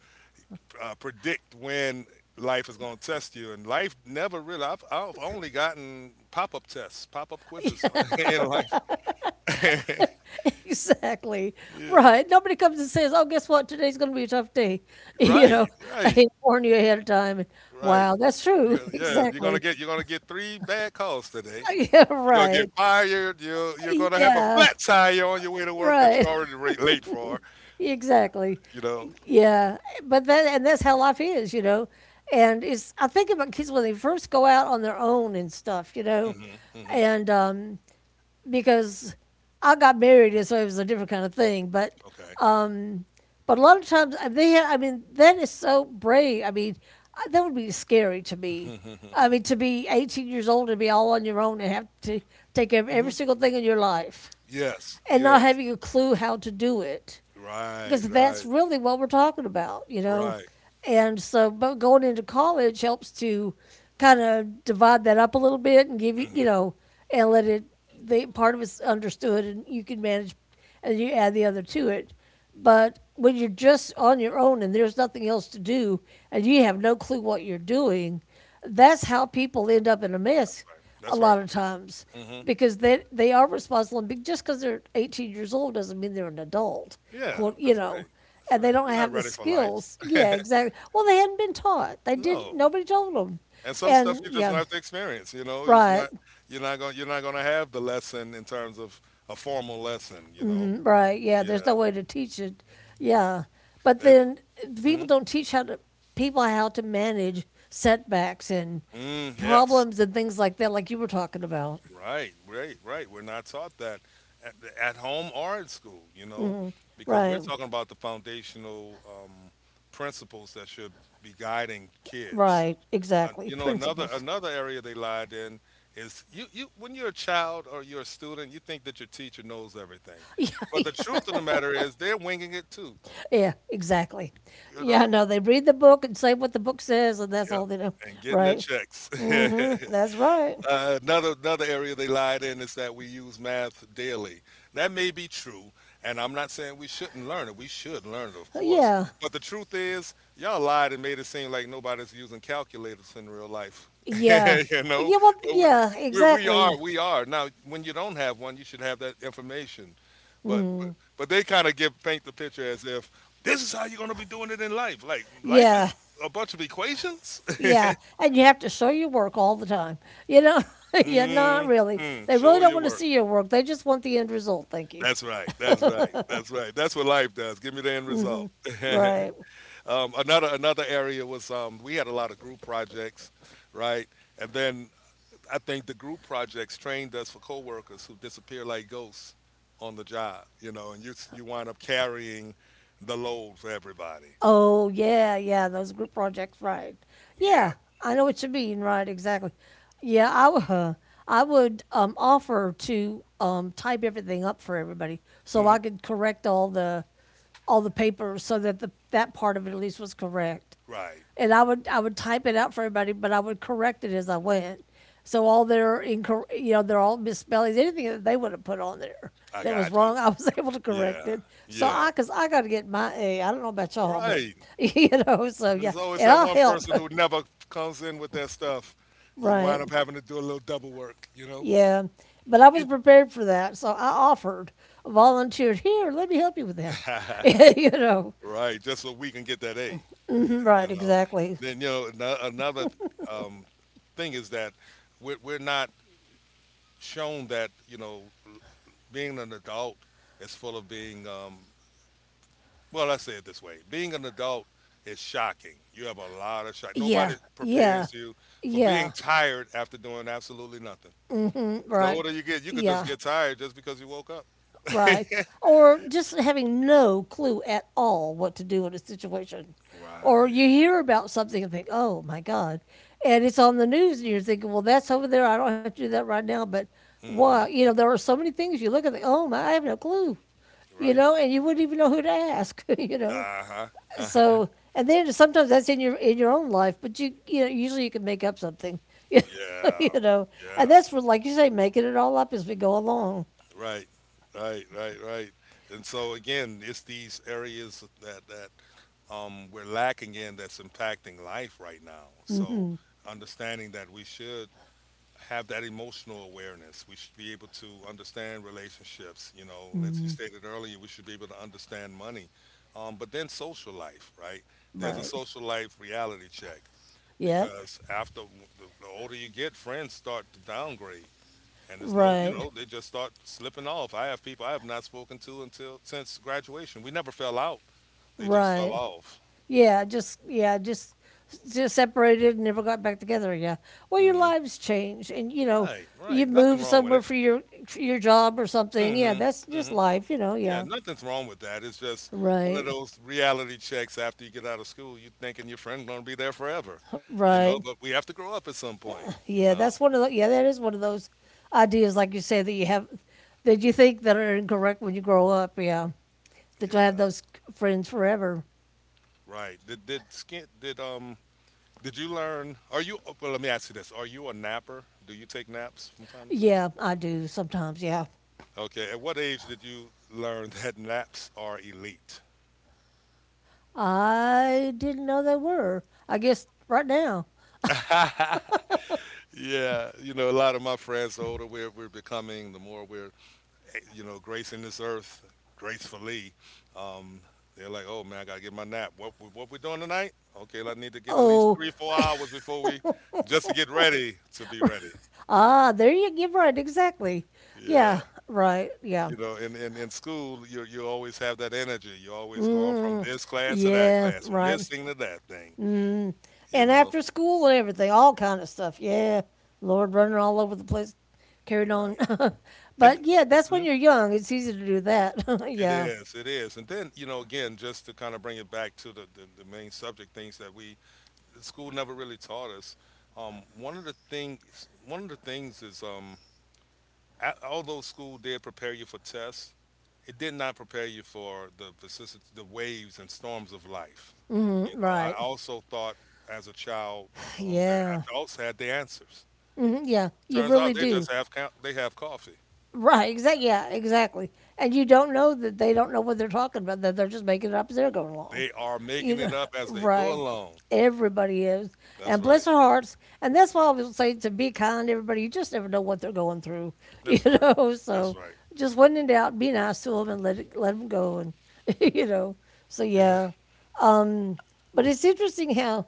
A: predict when life is going to test you. And life never really, I've only gotten pop-up tests, pop-up quizzes in life.
B: Exactly.
A: Yeah.
B: Right. Nobody comes and says, "Oh, guess what? Today's going to be a tough day." You know,
A: Right.
B: I
A: Right.
B: hate to warn you ahead of time.
A: Right.
B: Wow, that's true.
A: You gonna, yeah,
B: Exactly.
A: you're gonna get three bad calls today.
B: Yeah,
A: You're gonna get
B: right.
A: fired. You're gonna have a
B: Yeah,
A: flat tire on your way to work that
B: right.
A: you're already late for.
B: Exactly.
A: You know.
B: Yeah, but that and that's how life is, you know. And it's I think about kids when they first go out on their own and stuff, you know,
A: hmm hmm
B: and because I got married and so it was a different kind of thing,
A: Okay.
B: um, but a lot of times they have, I mean that is so brave. I mean that would be scary to me. I mean to be 18 years old and be all on your own and have to take care of every
A: hmm
B: single thing in your life
A: Yes.
B: and not
A: Yes.
B: having a clue how to do it
A: Right.
B: because that's
A: Right.
B: really what we're talking about, you know.
A: Right.
B: And so, but going into college helps to kind of divide that up a little bit and give you, you
A: hmm
B: know, and let it the part of it's understood and you can manage, and you add the other to it. But when you're just on your own and there's nothing else to do and you have no clue what you're doing, that's how people end up in a
A: That's
B: mess
A: right.
B: a
A: That's
B: lot
A: right.
B: of times
A: hmm
B: because they are responsible. And just because they're 18 years old doesn't mean they're an adult
A: Yeah.
B: quote, you
A: That's
B: know,
A: right. That's
B: and they
A: right.
B: don't
A: They're not
B: have the
A: ready for life.
B: skills. Yeah, exactly. Well, they hadn't been taught. They did.
A: no.
B: Nobody told them.
A: And some stuff
B: And
A: you're just gonna
B: yeah,
A: have to experience. You know, it's
B: right,
A: not you're not gonna have the lesson in terms of a formal lesson. You know,
B: right. Yeah,
A: yeah.
B: there's no way to teach it. Yeah, but
A: That,
B: then people
A: mhm.
B: don't teach how to people how to manage setbacks and
A: Mm, yes,
B: problems and things like that, like you were talking about.
A: right, right, right. We're not taught that at, at home or in school. You know, because we're
B: Right,
A: talking about the foundational principles that should be guiding kids.
B: right, exactly.
A: You know,
B: Principles.
A: another area they lied in is you when you're a child or you're a student, you think that your teacher knows everything, but the
B: Yeah,
A: truth of the matter is they're winging it too.
B: yeah, exactly.
A: You
B: Yeah,
A: know.
B: no, they read the book and say what the book says, and that's
A: Yep.
B: all they know.
A: And getting their
B: Right.
A: checks.
B: That's right.
A: Another area they lied in is that we use math daily. That may be true, and I'm not saying we shouldn't learn it. We should learn it, of course.
B: Yeah.
A: But the truth is, y'all lied and made it seem like nobody's using calculators in real life.
B: Yeah.
A: you know,
B: Yeah. Well,
A: but we,
B: yeah, exactly.
A: we are now. When you don't have one, you should have that information. But but, but they kind of give paint the picture as if this is how you're going to be doing it in life. Like life is
B: Yeah.
A: a bunch of equations.
B: Yeah. And you have to show your work all the time. You know, yeah, not really.
A: mm-hmm.
B: They really
A: Show
B: don't
A: your
B: want to
A: work.
B: see your work. They just want the end result. Thank you.
A: That's right. That's right. That's right. That's what life does. Give me the end result.
B: Right.
A: Another area was we had a lot of group projects, right? And then I think the group projects trained us for coworkers who disappear like ghosts on the job, you know, and you wind up carrying the load for everybody.
B: Oh, yeah, yeah, those group projects, right.
A: Yeah.
B: Yeah, I know what you mean, right, exactly. Yeah, I would offer to type everything up for everybody so
A: hmm
B: I could correct all the papers so that the, that part of it at least was correct
A: Right.
B: and I would type it out for everybody, but I would correct it as I went. So all their you know, they're all misspellings. Anything that they would have put on there
A: I
B: that was
A: got you.
B: wrong, I was able to correct
A: Yeah.
B: it. So
A: Yeah.
B: I, cause I got to get my A. I don't know about y'all, but
A: Right.
B: you know, so
A: And
B: yeah,
A: there's always
B: and
A: that
B: I'll
A: one
B: help.
A: person who never comes in with their stuff. You
B: Right.
A: wind up having to do a little double work, you know?
B: Yeah. But I was
A: You
B: prepared for that, so I offered, volunteered. Here, let me help you with that. you know.
A: right, just so we can get that A,
B: Right.
A: you know.
B: Exactly.
A: Then you know another um, thing is that we're not shown that you know being an adult is full of being Let's say it this way: being an adult is shocking. You have a lot of shock. Nobody
B: Yeah. Yeah.
A: prepares you for being
B: Yeah.
A: tired after doing absolutely nothing. The
B: Right.
A: older you get, you could just
B: Yeah.
A: get tired just because you woke up.
B: Right. Or just having no clue at all what to do in a situation. Or
A: Right.
B: you hear about something and think, oh my God. And it's on the news and you're thinking, well, that's over there. I don't have to do that right now. But
A: hmm
B: why? You know, there are so many things you look at, think, oh my, I have no clue. You
A: Right.
B: know, and you wouldn't even know who to ask, you know.
A: Uh huh.
B: So, and then sometimes that's in your own life, but you know usually you can make up something,
A: Yeah,
B: you know, and
A: yeah,
B: that's for like you say, making it all up as we go along,
A: right, right, right, right. And so again, it's these areas that we're lacking in that's impacting life right now. So understanding that we should have that emotional awareness. We should be able to understand relationships. You know, as you stated earlier, we should be able to understand money. But then social life, right? There's a
B: right?
A: social life reality check
B: Yep.
A: because after the older you get, friends start to downgrade. And there's no, you
B: Right.
A: know, they just start slipping off. I have people I have not spoken to until since graduation. We never fell out. They just fell
B: Right.
A: off.
B: Yeah. Just yeah. Just separated and never got back together. Yeah. Well, your
A: hmm
B: lives change, and you know
A: Right,
B: you
A: right. Nothing
B: move
A: wrong with
B: somewhere
A: it.
B: for your job or something. Yeah. That's
A: hmm
B: just
A: hmm
B: life. You know.
A: Yeah,
B: Yeah.
A: nothing's wrong with that. It's just one of
B: Right.
A: those reality checks after you get out of school. You thinking your friend gonna be there forever, you know.
B: Right.
A: But we have to grow up at some point, you
B: Yeah.
A: know.
B: That's one of the. Yeah. That is one of those ideas, like you say, that you have that you think that are incorrect when you grow up. Yeah. That you'll have
A: Yeah,
B: those friends forever.
A: right. Did skin did you learn? Are you oh, well? Let me ask you this: Are you a napper? Do you take naps from time to time?
B: Yeah. I do sometimes. Yeah.
A: Okay. At what age did you learn that naps are elite?
B: I didn't know they were. I guess right now.
A: Yeah, you know, a lot of my friends, the older we're becoming, the more we're, gracing this earth gracefully, um, they're like, oh man, I gotta get my nap. What we doing tonight? Okay, I need to get at least
B: Oh,
A: three, 4 hours before we, just to get ready to be ready.
B: there you give right, exactly.
A: Yeah,
B: Yeah, right. Yeah.
A: in school, you always have that energy. You're always going from
B: Mm,
A: this class to that
B: yeah,
A: class, from
B: right.
A: this thing to that thing.
B: Mm.
A: You
B: And
A: know,
B: after school and everything, all kind of stuff. Yeah. Lord running all over the place carried on.
A: right? And
B: but yeah, that's
A: hmm?
B: when you're young. It's easy to do that.
A: It
B: yeah.
A: is, it is. And then, you know, again, just to kind of bring it back to the, the main subject, things that we, the school never really taught us. Um, one of the things, one of the things is, although school did prepare you for tests, it did not prepare you for the vicissitudes, the waves and storms of life.
B: Mm,
A: You know, I
B: right.
A: also thought as a child that
B: Yeah.
A: adults had the answers.
B: Mm, yeah, you
A: Turns out
B: really
A: they
B: do.
A: just they have coffee.
B: Right. Exactly. Yeah. Exactly. And you don't know that they don't know what they're talking about. That they're just making it up as they're going along.
A: They are
B: You
A: making it
B: know.
A: up as they go
B: Right.
A: along.
B: Everybody is,
A: That's
B: and
A: right.
B: bless their hearts. And that's why I was saying to be kind to everybody. You just never know what they're going through. You
A: That's right.
B: know.
A: That's
B: So
A: right.
B: just when in doubt, be nice to them and let them go. And you know. So
A: Yeah.
B: yeah. Um. But it's interesting how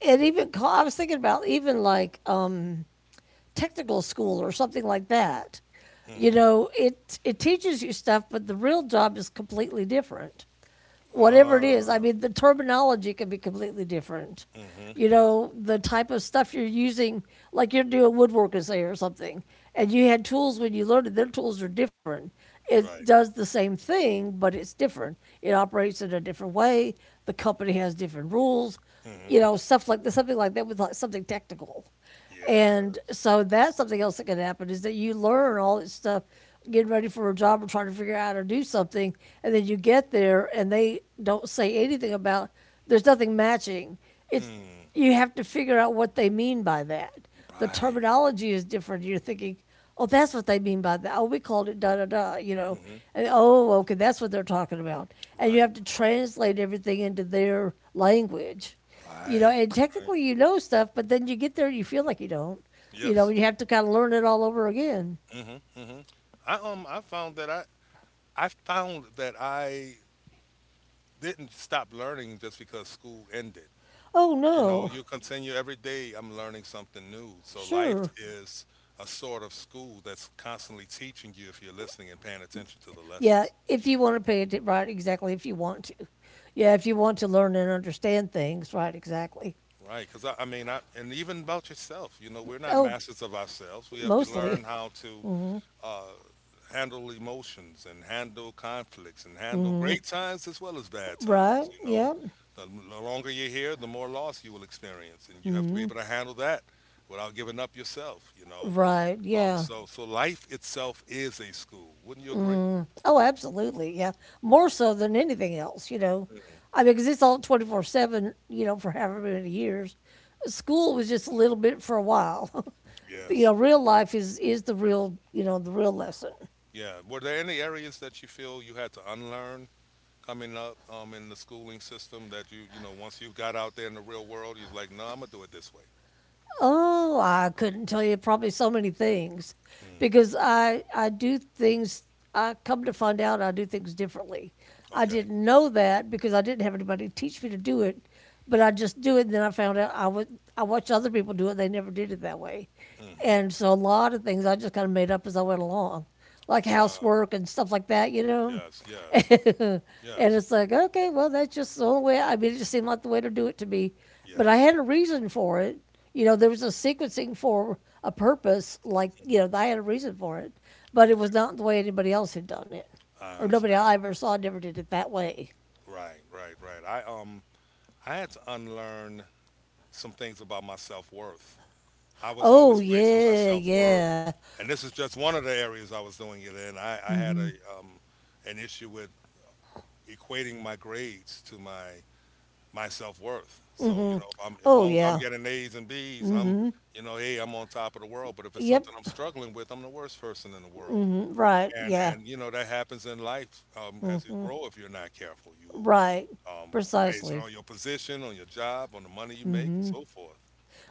B: it even. Ca- I was thinking about even like, technical school or something like that. You
A: Mm-hmm.
B: know, it teaches you stuff, but the real job is completely different. Whatever it is, I
A: Ah.
B: mean, the terminology can be completely different.
A: Mm-hmm.
B: You know, the type of stuff you're using, like you're doing woodwork say or something, and you had tools when you learned it. Their tools are different. It
A: Right.
B: does the same thing, but it's different. It operates in a different way. The company has different rules
A: Mm-hmm.
B: you know, stuff like this, something like that with like something technical. And
A: Yes.
B: so that's something else that can happen is that you learn all this stuff, getting ready for a job or trying to figure out how to do something, and then you get there and they don't say anything about there's nothing matching. It's
A: Mm.
B: you have to figure out what they mean by that. The
A: Right.
B: terminology is different. You're thinking, oh, that's what they mean by that. Oh, we called it da da da, you know.
A: Mm-hmm.
B: And, oh, okay, that's what they're talking about. And you
A: Right.
B: have to translate everything into their language. You know,
A: Right.
B: and
A: Right.
B: technically you know stuff, but then you get there and you feel like you don't. You know,
A: Yes.
B: and you have to kind of learn it all over again.
A: Mm-hmm. Mm-hmm. I um I found that I I found that I didn't stop learning just because school ended.
B: Oh
A: You know,
B: no,
A: you continue every day. I'm learning something new. So life
B: sure.
A: is a sort of school that's constantly teaching you if you're listening and paying attention to the
B: Yeah,
A: lessons.
B: if you want to pay it right, exactly. If you want to, yeah, if you want to learn and understand things, right, exactly.
A: Right, because and even about yourself, you know, we're not
B: Oh,
A: masters of ourselves. We have to
B: mostly,
A: learn how to uh, handle emotions and handle conflicts and handle great
B: Mm-hmm.
A: times as well as bad
B: right,
A: times. You know,
B: yeah,
A: the longer you're here, the more loss you will experience, and you have to be
B: Mm-hmm.
A: able to handle that without giving up yourself. You know,
B: right, yeah.
A: so life itself is a school. Wouldn't you agree?
B: Mm. Oh, absolutely. Yeah. More so than anything else, you know.
A: Mm.
B: I mean, because it's all 24/7, you know, for however many years. School was just a little bit for a while. you
A: Yes.
B: know, real life is the real, you know, the real lesson.
A: Yeah. Were there any areas that you feel you had to unlearn coming up, in the schooling system that you know once you got out there in the real world you're like, no, I'm gonna do it this way.
B: Oh, I couldn't tell you probably so many things
A: Mm.
B: because I do things I come to find out I do things differently. I
A: Okay.
B: didn't know that because I didn't have anybody to teach me to do it, but I just do it and then I found out I watched other people do it, they never did it that way.
A: Mm-hmm.
B: And so a lot of things I just kind of made up as I went along, like
A: Uh.
B: housework and stuff like that, you know.
A: Yes, yes.
B: and
A: Yes.
B: it's like, okay, well, that's just the only way. I mean, it just seemed like the way to do it to me. But I
A: Yes.
B: had a reason for it. You know, there was a sequencing for a purpose. Like, you know,
A: Hmm.
B: I had a reason for it. But it was
A: Okay,
B: not the way anybody else had done it,
A: I
B: or nobody
A: understand.
B: I ever saw never did it that way.
A: Right, right, right. I I had to unlearn some things about my self-worth. I was
B: Oh
A: always placing my
B: yeah,
A: self-worth,
B: yeah.
A: and this is just one of the areas I was doing it in. I had a an issue with equating my grades to my my self worth. So you know, if I'm as
B: Oh
A: long as I'm
B: yeah.
A: getting A's and B's, I'm, you know, hey, I'm on top of the world. But if it's
B: Yep.
A: something I'm struggling with, I'm the worst person in the world.
B: Right.
A: And
B: Yeah.
A: and you know that happens in life, as you grow. If you're not careful, you will,
B: Right.
A: um, base
B: Precisely.
A: on your position, on your job, on the money you make, and so forth,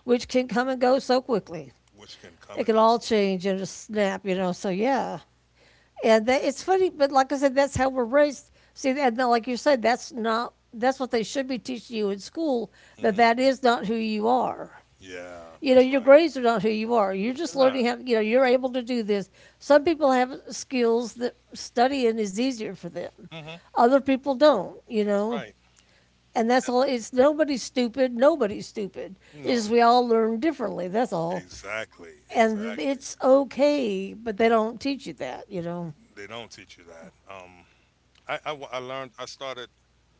B: Which can come and go so quickly.
A: which can come
B: It
A: and
B: can
A: go.
B: all
A: So
B: change in a snap, you know. So yeah. And that, it's funny, but like I said, that's how we're raised. See, and like you said, that's not that's what they should be teaching you in school. That
A: hmm.
B: that is not who you are.
A: Yeah,
B: You know,
A: that's
B: your
A: right.
B: grades are not who you are. You're
A: They're
B: just
A: not.
B: learning how. You know, you're able to do this. Some people have skills that studying is easier for them.
A: Hmm.
B: Other people don't. You
A: That's
B: know,
A: right.
B: and that's
A: Uh,
B: all. It's nobody's stupid. Nobody's stupid. Is
A: no,
B: we all learn differently. That's all.
A: exactly,
B: And
A: exactly.
B: it's okay, but they don't teach you that. You know.
A: They don't teach you that. I learned. I started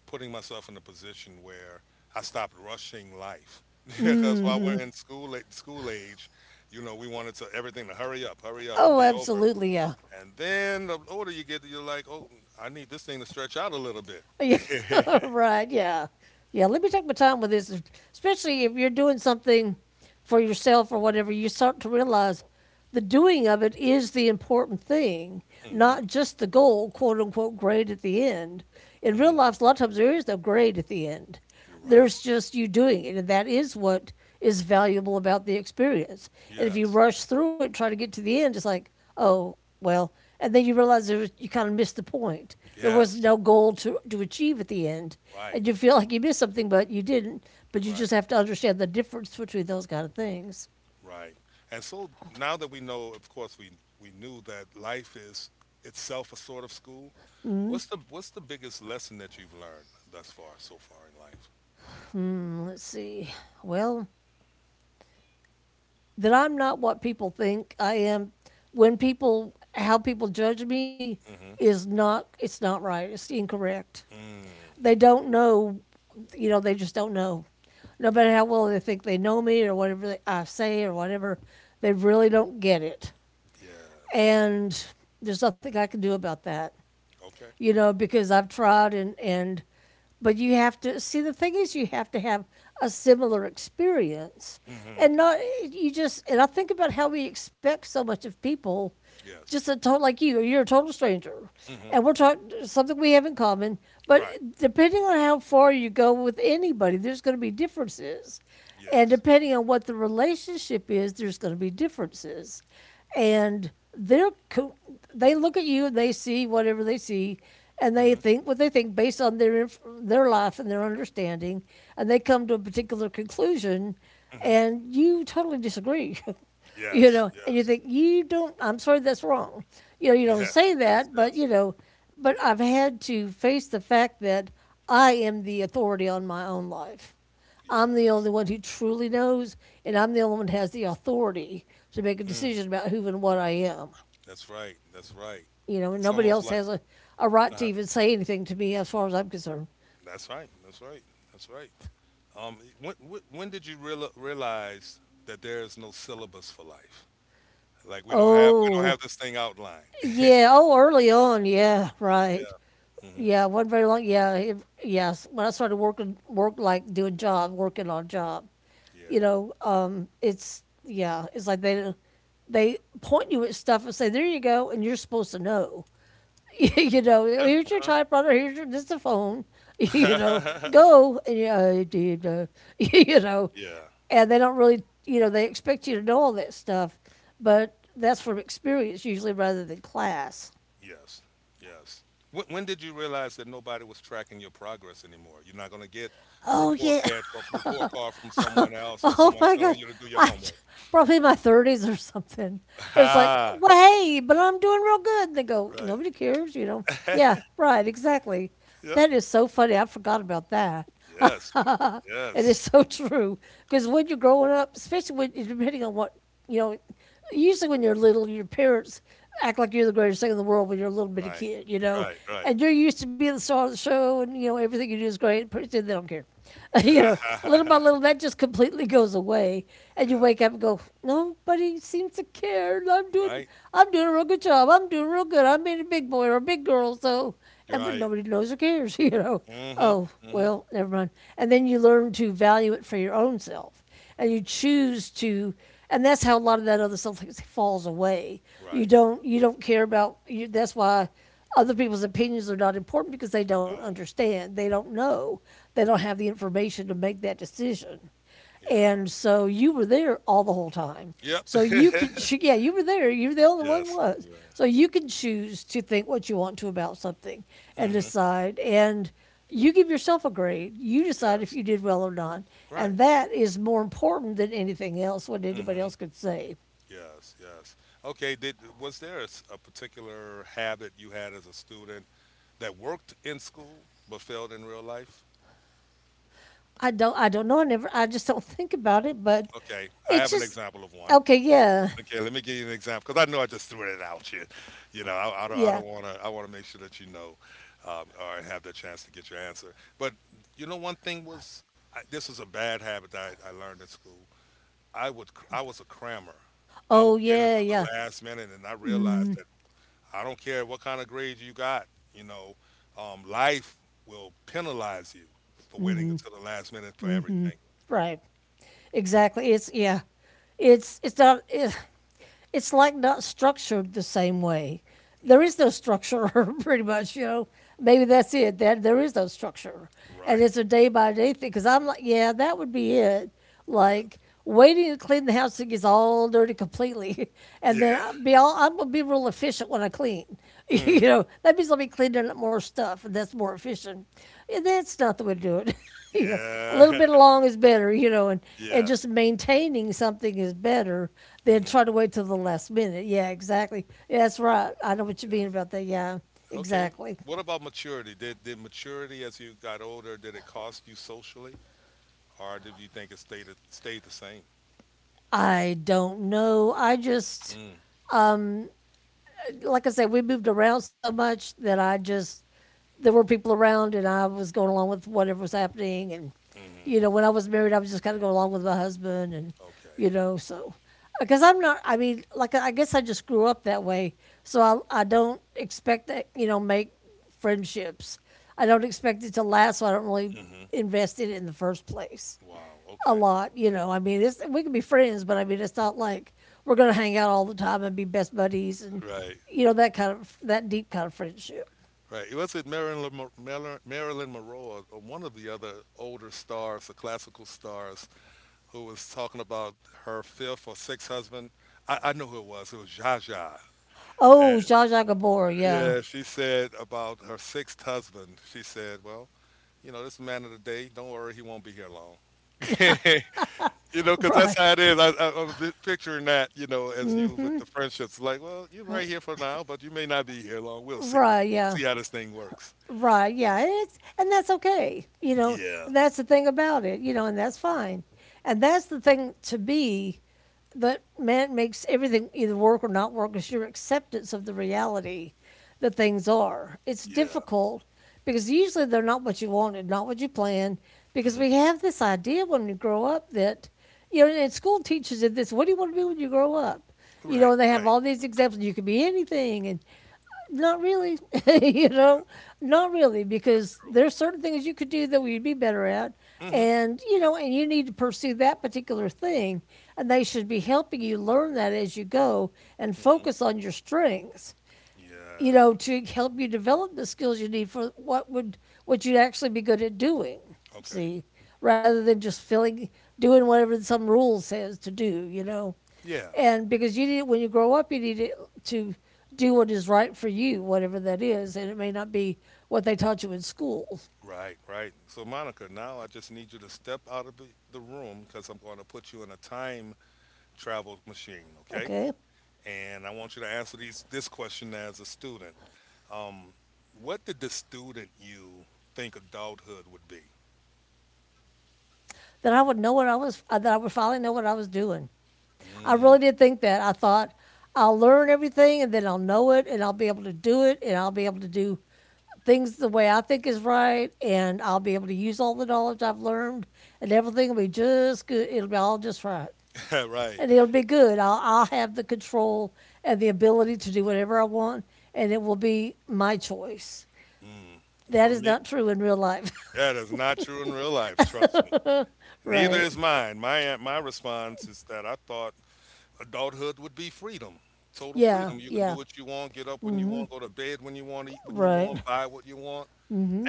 A: putting myself in a position where I stopped rushing life. Because while we're in school, school age, you know, we wanted to everything to hurry up, and
B: Oh,
A: be over.
B: absolutely, yeah.
A: And then the older you get, you're like, oh, I need this thing to stretch out a little bit.
B: Yeah, right. Yeah, yeah. Let me take my time with this, especially if you're doing something for yourself or whatever. You start to realize the doing of it is the important thing,
A: Hmm.
B: not just the goal, quote unquote, grade at the end. In
A: Hmm.
B: real life, a lot of times there is no grade at the end.
A: You're right.
B: There's just you doing it, and that is what is valuable about the experience. And if you
A: Yes.
B: rush through it, try to get to the end, it's like, oh, well, and then you realize there was, you kind of missed the point. There was
A: Yes.
B: no goal to achieve at the end,
A: Right.
B: and you feel like you missed something, but you didn't. But you
A: Right.
B: just have to understand the difference between those kind of things.
A: Right. And so now that we know, of course, we knew that life is itself a sort of school. What's the biggest lesson that you've learned thus far, so far in life?
B: Hmm, let's see. Well, that I'm not what people think I am. When people, how people judge me
A: Mhm.
B: is not, it's not right. It's incorrect.
A: Mm.
B: They don't know, you know, they just don't know. No
A: Yeah.
B: matter how well they think they know me or whatever they, I say or whatever, they really don't get it.
A: Yes.
B: And there's nothing I can do about that,
A: Okay.
B: you know, because I've tried, and but you have to see the thing is you have to have a similar experience,
A: Mhm.
B: and not you just, and I think about how we expect so much of people,
A: Yes.
B: just a total, like you're a total stranger
A: Mhm.
B: and we're talking something we have in common, but
A: Right.
B: depending on how far you go with anybody, there's going to be differences, and
A: Yes.
B: depending on what the relationship is, there's going to be differences. And they're they look at you and they see whatever they see, and
A: Mhm.
B: they think what they think based on their their life and their understanding, and they come to a particular conclusion,
A: Mhm.
B: and you totally disagree. You
A: Yes.
B: know, and
A: Yes.
B: you think you don't, I'm sorry, that's wrong. You know, you
A: Yes.
B: don't say
A: Yes.
B: that,
A: Yes.
B: but you know, but I've had to face the fact that I am the authority on my own life. I'm the
A: Yes.
B: only one who truly knows, and I'm the only one who has the authority to make a
A: Mm.
B: decision about who and what I am.
A: That's right. That's right.
B: You know, and
A: It's
B: nobody
A: almost
B: else
A: like.
B: has a right to
A: Uh-huh.
B: even say anything to me as far as I'm concerned.
A: That's right. That's right. That's right. When did you realize that there is no syllabus for life? Like we don't
B: Oh,
A: have this thing outlined. Yeah.
B: yeah. Oh, early on. Yeah, right.
A: Mhm.
B: Yeah, wasn't very long. Yeah, it, yes. When I started working, work like doing job, working on a job, you
A: Yeah.
B: know, it's, yeah, it's like they point you at stuff and say, there you go, and you're supposed to know. You know,
A: Yeah.
B: here's your
A: Uh-huh.
B: typewriter, here's your, this is the phone, you know, go. And yeah, I did, you know,
A: yeah.
B: and they don't really, you know, they expect you to know all that stuff, but that's from experience usually rather than class.
A: Yes. Yes. When did you realize that nobody was tracking your progress anymore? You're not going to get a
B: Oh yeah.
A: report card from someone else or
B: Oh
A: someone
B: my
A: telling
B: gosh.
A: you to do your
B: I
A: homework.
B: probably in my 30s or something. It was like,
A: Ha.
B: well, hey, but I'm doing real good. They go,
A: Right.
B: nobody cares, you know. Yeah, right, exactly.
A: yep.
B: That is so funny. I forgot about that.
A: Yes.
B: It
A: Yes.
B: is so true. Because when you're growing up, especially when depending on what, you know, usually when you're little, your parents act like you're the greatest thing in the world when you're a little bitty
A: Right.
B: kid, you know,
A: Right. Right.
B: and you're used to being the star of the show, and you know everything you do is great. Pretty they don't care, you know. Little by little, that just completely goes away, and you
A: yeah.
B: wake up and go, nobody seems to care.
A: Right.
B: I'm doing a real good job. I'm doing real good. I'm being a big boy or a big girl, so,
A: You're
B: and, but
A: right.
B: nobody knows or cares, you know.
A: Mm-hmm.
B: Oh
A: Mm-hmm.
B: well, never mind. And then you learn to value it for your own self, and you choose to, and that's how a lot of that other stuff, like, falls away. You
A: Right.
B: don't you don't care about you, that's why other people's opinions are not important because they don't
A: No.
B: understand, they don't know, they don't have the information to make that decision.
A: Yeah.
B: And so you were there all the whole time.
A: Yep.
B: So you could, yeah, you were there. You were the only one who
A: yes.
B: was. So
A: Yeah.
B: you can choose to think what you want to about something and
A: Mm-hmm.
B: decide. And you give yourself a grade. You decide if
A: Yes.
B: you did well or not, and
A: Right.
B: that is more important than anything else. What anybody
A: Mm-hmm.
B: else could say.
A: Yes, yes. Okay, did was there a, a particular habit you had as a student that worked in school but failed in real life?
B: I don't. I don't know. I never. I just don't think about it. But
A: Okay, I
B: it's
A: have an
B: just
A: example of one.
B: okay. Yeah.
A: Okay, let me give you an example because I know I just threw it out you. You know, I
B: Yeah.
A: don't want to. I want to make sure that you know, or have the chance to get your answer. But you know, one thing was, this was a bad habit that I learned in school. I would, I was a crammer. I would
B: Oh
A: wait
B: yeah.
A: until the
B: Yeah.
A: last minute, and I realized that I don't care what kind of grades you got, you know, life will penalize you for waiting until the last minute for everything.
B: Right. Exactly. It's yeah, it's not. It, it's like not structured the same way. There
A: Yeah,
B: is no structure, pretty much. You know, maybe that's it. That there is no structure, and
A: right.
B: it's a day by day thing. Because I'm like, yeah, that would be it.
A: Yeah,
B: Like waiting to clean the house that gets all dirty completely, and
A: yeah,
B: then I'll be all I'm gonna be real efficient when I clean. You
A: mm.
B: know, that means I'll be cleaning up more stuff, and that's more efficient. And that's not the way to do it. You know, a
A: Yeah.
B: little bit along is better. You know, and
A: yeah.
B: just maintaining something is better than
A: Hmm.
B: trying to wait till the last minute. Yeah, exactly. Yeah, that's right. I know what you mean
A: Yes.
B: about that. Yeah,
A: Okay.
B: exactly.
A: What about maturity? Did maturity as you got older, did it cost you socially, or did you think it stayed the same?
B: I don't know. I just
A: Mm.
B: like I said, we moved around so much that I just there were people around, and I was going along with whatever was happening. And
A: Hmm.
B: you know, when I was married, I was just kind of going along with my husband, and
A: Okay.
B: you know, so because I'm not. I mean, like I guess I just grew up that way, so I don't expect that, you know, make friendships. I don't expect it to last, so I don't really
A: Hmm.
B: invest in it in the first place
A: Wow.
B: a
A: Okay.
B: lot. You know, I mean, it's, we can be friends, but I mean, it's not like we're going to hang out all the time and be best buddies and,
A: Right.
B: you know, that kind of, that deep kind of friendship.
A: Right. It was it Marilyn Mo- Marilyn Marilyn Monroe or one of the other older stars, the classical stars, who was talking about her fifth or sixth husband? I know who it was. It was Zsa Zsa. And,
B: Oh, Zsa Zsa Gabor, yeah.
A: yeah, she said about her sixth husband. She said, "Well, you know, this man of the day. Don't worry, he won't be here long." You know, because
B: Right.
A: that's how it is. I'm picturing that, you know, as you with the friendships, like, well, you're right here for now, but you may not be here long. We'll see.
B: Right, yeah.
A: See how this thing works.
B: Right, yeah, and it's, and that's okay. You know,
A: Yeah,
B: that's the thing about it. You know, and that's fine. And that's the thing to be, that man makes everything either work or not work is your acceptance of the reality that things are. It's
A: yeah.
B: difficult because usually they're not what you wanted, not what you planned. Because
A: Mhm.
B: we have this idea when we grow up that, you know, and school teaches you this: what do you want to be when you grow up? You
A: Right,
B: know, they have
A: right.
B: all these examples. You could be anything, and not really, you
A: Yeah,
B: know, not really,
A: that's
B: because
A: true.
B: there's certain things you could do that we'd be better at,
A: Mhm,
B: and you know, and you need to pursue that particular thing, and they should be helping you learn that as you go and
A: mhm.
B: focus on your strengths, you
A: Yeah.
B: know, to help you develop the skills you need for what would what you'd actually be good at doing.
A: Okay.
B: See, rather than just feeling, doing whatever some rule says to do, you know,
A: Yeah.
B: and because you need when you grow up, you need it to do what is right for you, whatever that is, and it may not be what they taught you in school.
A: Right, right. So, Monica, now I just need you to step out of the room because I'm going to put you in a time travel machine, okay?
B: Okay,
A: And I want you to answer these this question as a student. Um, what did the student you think adulthood would be?
B: then I would know what I was. That I would finally know what I was doing. I
A: Mm.
B: really did think that. I thought I'll learn everything, and then I'll know it, and I'll be able to do it, and I'll be able to do things the way I think is right, and I'll be able to use all the knowledge I've learned, and everything will be just good. It'll be all just right.
A: right.
B: And it'll be good. I'll have the control and the ability to do whatever I want, and it will be my choice.
A: Mm. For
B: That is
A: me,
B: not true in real life.
A: that is not true in real life. Trust me. Neither
B: Right.
A: is mine. My response is that I thought adulthood would be freedom, total
B: Yeah.
A: freedom. You can do
B: Yeah.
A: what you want, get up when you want, go to bed when you want, eat when you
B: Right.
A: want, buy what you want.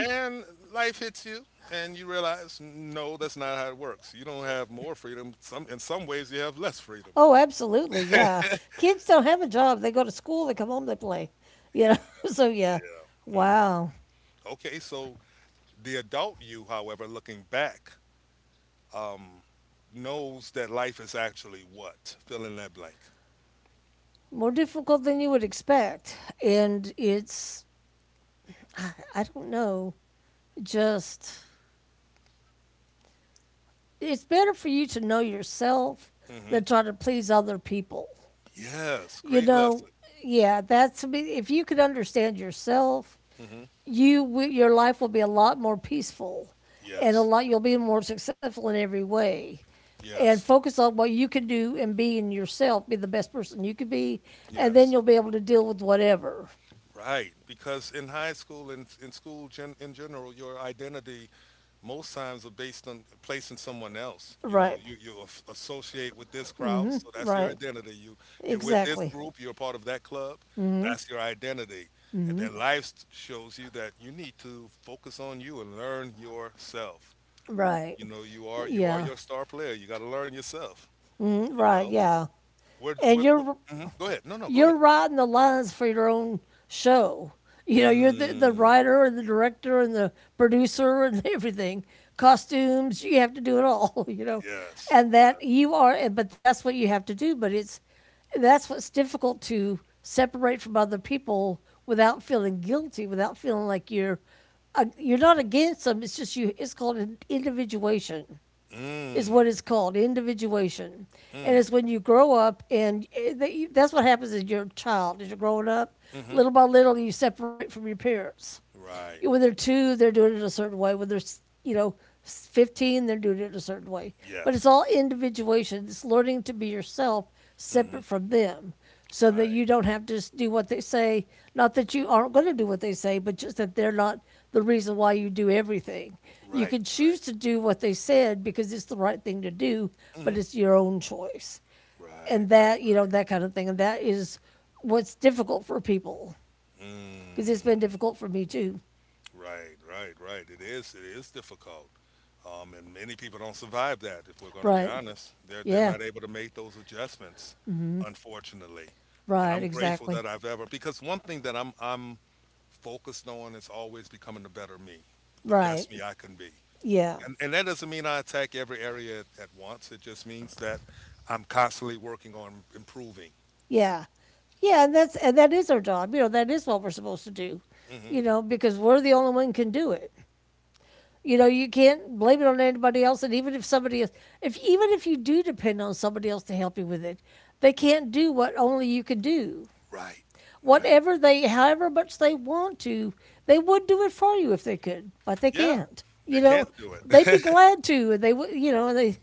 A: And life hits you, and you realize, no, that's not how it works. You don't have more freedom. Some, in some ways, you have less freedom.
B: Oh, absolutely. Yeah. Kids don't have a job. They go to school, they come home, they play.
A: Yeah,
B: You know, so yeah.
A: yeah. Hmm.
B: Wow.
A: Okay. So the adult you, however, looking back, um knows that life is actually what? Fill in that blank.
B: More difficult than you would expect. And I don't know, just, it's better for you to know yourself
A: Hmm.
B: than try to please other people.
A: Yes.
B: you
A: Great
B: know,
A: lesson.
B: yeah, that's, I if you could understand yourself,
A: Hmm.
B: you your life will be a lot more peaceful, and a
A: Yes,
B: lot you'll be more successful in every way. And
A: yes,
B: focus on what you can do and be in yourself, be the best person you could be, and then
A: yes.
B: you'll be able to deal with whatever.
A: Right, because in high school and in school, in general, your identity most times are based on placing someone else. You know,
B: Right,
A: you associate with this crowd, so that's your
B: right,
A: identity. You, you're with this
B: exactly,
A: group, you're part of that club, that's your identity. And then life shows you that you need to focus on you and learn yourself.
B: right.
A: You know, you are, you are
B: Yeah.
A: your star player. You got to learn yourself.
B: Mm,
A: You
B: right.
A: know,
B: Yeah. And
A: where
B: you're
A: mhm. Go ahead. No, no, go ahead.
B: you're writing the lines for your own show. You know, you're the
A: Mm,
B: writer and the director and the producer and everything. Costumes, you have to do it all, you know.
A: yes.
B: And that you are, but that's what you have to do. But that's what's difficult to separate from other people without feeling guilty, without feeling like you're not against them. It's just you, it's called an individuation
A: Yes.
B: is
A: Mm.
B: what it's called, individuation. And
A: Mm,
B: it's when you grow up and that's what happens as your child, as you're growing up,
A: mhm.
B: little by little you separate from your parents.
A: Right.
B: When they're two, they're doing it a certain way. When they're, you know, 15, they're doing it a certain way, but it's
A: Yes.
B: all individuation. It's learning to be yourself,
A: Mhm.
B: separate from them, so that
A: Right.
B: you don't have to just do what they say. Not that you aren't going to do what they say, but just that they're not the reason why you do everything. You
A: Right.
B: can choose
A: Right.
B: to do what they said because it's the right thing to do, but
A: Mhm.
B: it's your own choice.
A: Right.
B: And
A: Right.
B: that, you know,
A: Right.
B: that kind of thing. And that is what's difficult for people because it's been
A: Mm.
B: difficult for me too.
A: Right. Right. Right. It is. It is difficult. And many people don't survive that. If we're going to be
B: Right.
A: honest, they're
B: Yeah.
A: not able to make those adjustments, unfortunately. And
B: Right.
A: I'm grateful
B: Exactly.
A: that I've ever, because one thing that I'm focused on is always becoming the better me, the
B: Right.
A: best me I can be.
B: Yeah.
A: And that doesn't mean I attack every area at once. It just means that I'm constantly working on improving.
B: Yeah. Yeah. And and that is our job. You know, that is what we're supposed to do,
A: Hmm.
B: you know, because we're the only one who can do it. You know, you can't blame it on anybody else. And even if somebody else, if even if you do depend on somebody else to help you with it, they can't do what only you can do,
A: Right, right.
B: whatever they, however much they want to, they would do it for you if they could, but they
A: Yeah,
B: can't.
A: they
B: You know,
A: can't do
B: they'd be
A: it.
B: glad to, and they would, you know,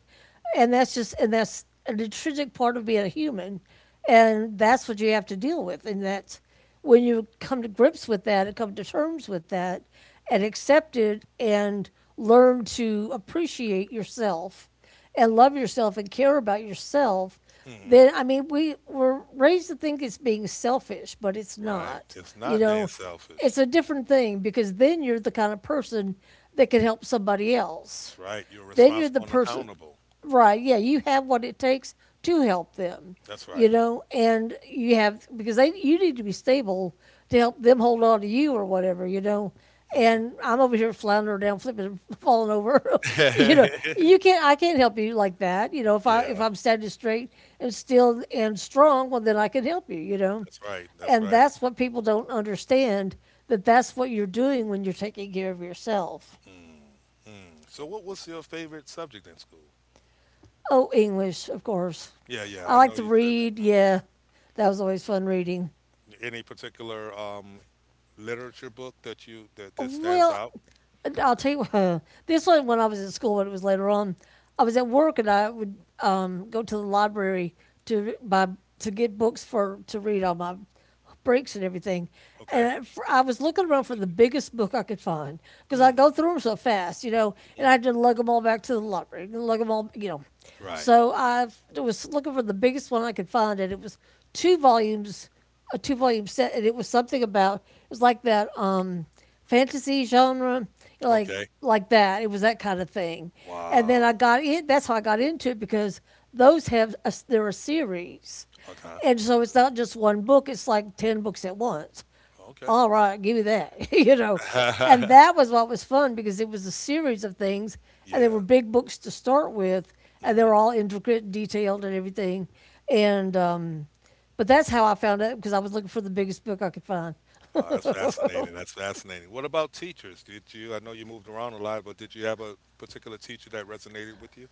B: and and that's an intrinsic part of being a human, and that's what you have to deal with, and that's, when you come to grips with that and come to terms with that, and accept it and learn to appreciate yourself and love yourself and care about yourself,
A: hmm.
B: then, I mean, we were raised to think it's being selfish, but it's
A: Right.
B: not.
A: It's
B: You
A: not being
B: know,
A: selfish.
B: it's a different thing because then you're the kind of person that can help somebody
A: That's
B: else.
A: right. You're
B: Then you're the
A: responsible and
B: person,
A: accountable.
B: right, yeah, you have what it takes to help them,
A: That's
B: you
A: right.
B: know, and you have because they, you need to be stable to help them hold on to you or whatever, you know.
A: Hmm.
B: And I'm over here floundering down, flipping, falling over. You know,
A: yeah,
B: you can't. I can't help you like that. You know, if I if
A: that's
B: I'm standing straight and still and strong, well, then I can help you. You know,
A: right. That's
B: and
A: right.
B: that's what people don't understand. That's what you're doing when you're taking care of yourself.
A: Mm, mm. So, what was your favorite subject in school?
B: Oh, English, of course.
A: Yeah, yeah.
B: I
A: I know
B: like to
A: you said that.
B: read.
A: Hmm.
B: Yeah, that was always fun reading.
A: Any particular, literature book that that stands
B: Well,
A: out?
B: I'll tell you, this was when I was at school, but it was later on. I was at work and I would, go to the library to buy to get books for to read on my breaks and everything.
A: Okay.
B: And for, I was looking around for the biggest book I could find because I
A: Mm,
B: go through them so fast, you know,
A: mhm.
B: and I had to lug them all back to the library, lug them all, you know.
A: Right.
B: So was looking for the biggest one I could find, and it was two volumes, a two volume set, and it was something about it was like that. Fantasy genre,
A: Okay.
B: like that. It was that kind of thing. And then I
A: Wow.
B: got in. That's how I got into it because those have a, they're a series,
A: Okay.
B: and so it's not just one book. It's like ten books at once.
A: Okay.
B: All right, give me that, you know. And that was what was fun because it was a series of things, and they were
A: Yeah.
B: big books to start with, and they
A: Mhm.
B: were all intricate, and detailed, and everything. And but that's how I found it because I was looking for the biggest book I could find.
A: Wow, that's fascinating, that's fascinating. What about teachers? Did you I know you moved around a lot, but did you have a particular teacher that resonated with you?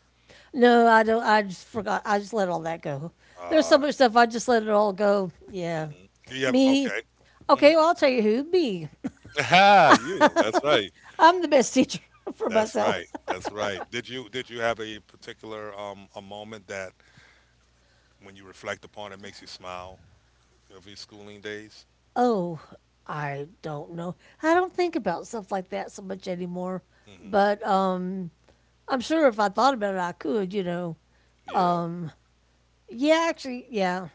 B: No, I don't. I just forgot. I just let all that go. There's so
A: Ah,
B: much stuff. I just let it all go. Yeah,
A: mhm. Do you have
B: me.
A: okay. Mhm.
B: Okay, well, I'll tell you who. Me.
A: Ah, you, that's right.
B: I'm the best teacher for
A: That's
B: myself.
A: right. That's right. Did you have a particular, a moment that when you reflect upon it makes you smile of your schooling days?
B: Oh, I don't know. I don't think about stuff like that so much anymore.
A: Mhm.
B: But I'm sure if I thought about it, I could. You know.
A: Yeah.
B: Yeah, actually, yeah,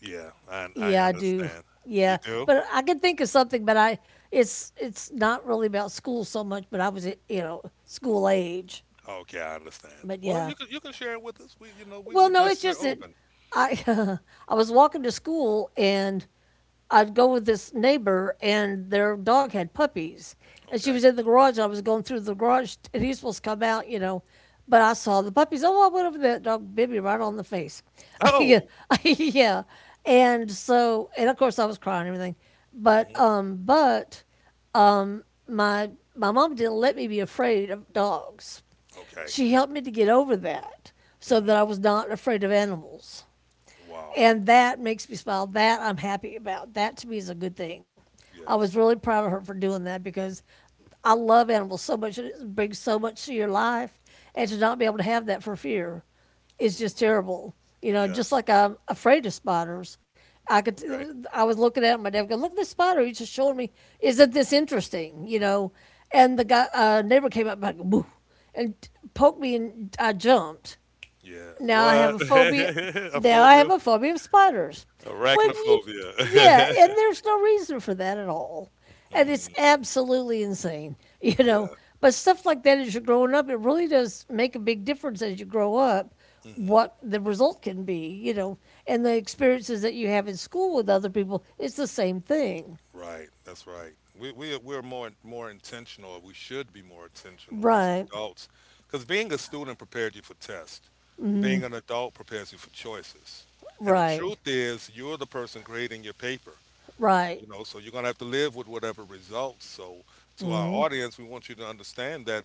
A: Yeah, I
B: yeah, I do.
A: understand. You
B: Yeah,
A: do?
B: but I can think of something. But I, it's not really about school so much. But I was, you know, school age.
A: Okay, I understand.
B: But
A: Well,
B: yeah.
A: you can share it with us. We you know we
B: Well,
A: we
B: no, it's
A: just we're
B: just that
A: open.
B: I I was walking to school and I'd go with this neighbor and their dog had puppies. And she
A: Okay.
B: was in the garage and I was going through the garage and he was supposed to come out, you know. But I saw the puppies. Oh, I went over, that dog bit me right on the face. Yeah.
A: Oh.
B: Yeah. And so, and of course I was crying and everything. But
A: Hmm.
B: um but um my mom didn't let me be afraid of dogs.
A: Okay.
B: She helped me to get over that, so that
A: Hmm.
B: I was not afraid of animals.
A: Wow.
B: And that makes me smile. That I'm happy about. That to me is a good thing. I was
A: Yes.
B: really proud of her for doing that because I love animals so much. It brings so much to your life. And to not be able to have that for fear is just
A: Hmm.
B: terrible. You know, just
A: Yes.
B: like I'm afraid of spiders. I could,
A: Okay.
B: I was looking at it, my dad would go, look at this spider. He's just showing me, isn't this interesting? You know, and the guy, neighbor came up and, like, woo, and poked me and I jumped.
A: Yeah.
B: Now I have
A: What?
B: a phobia.
A: A
B: Now I
A: phobia?
B: have a phobia of spiders. When you, yeah,
A: Arachnophobia.
B: and there's no reason for that at all, and it's
A: Mm,
B: absolutely insane, you know.
A: yeah.
B: But stuff like that, as you're growing up, it really does make a big difference as you grow up.
A: Hmm.
B: What the result can be, you know, and the experiences that you have in school with other people, it's the same thing.
A: Right, that's right. We're more intentional, or we should be more intentional as
B: Right,
A: adults, because being a student prepared you for tests. Being an adult prepares you for choices. And the
B: right,
A: truth is, you're the person grading your paper.
B: right,
A: You know, so you're gonna have to live with whatever results. So to our audience, we want you to understand that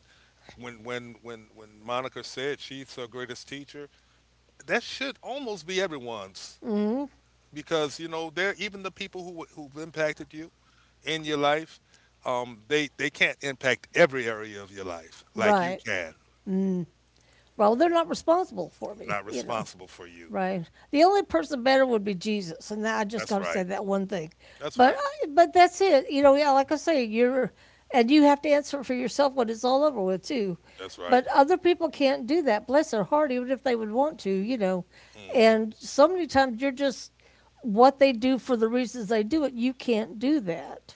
A: when Monica said she's her greatest teacher, that should almost be everyone's because you know they're even the people who have impacted you in your life, they can't impact every area of your life like you
B: right.
A: can.
B: Well, they're not responsible for
A: I'm
B: me,
A: not
B: you know.
A: responsible for you.
B: Right. The only person better would be Jesus, and I just
A: That's
B: got to say
A: right.
B: that one thing.
A: That's
B: But
A: right.
B: uh, but that's it. You know, yeah, like I say, you're, and you have to answer for yourself when it's all over with too.
A: That's right.
B: But other people can't do that. Bless their heart, even if they would want to, you know.
A: Mm-hmm.
B: And so many times you're just what they do for the reasons they do it. You can't do that.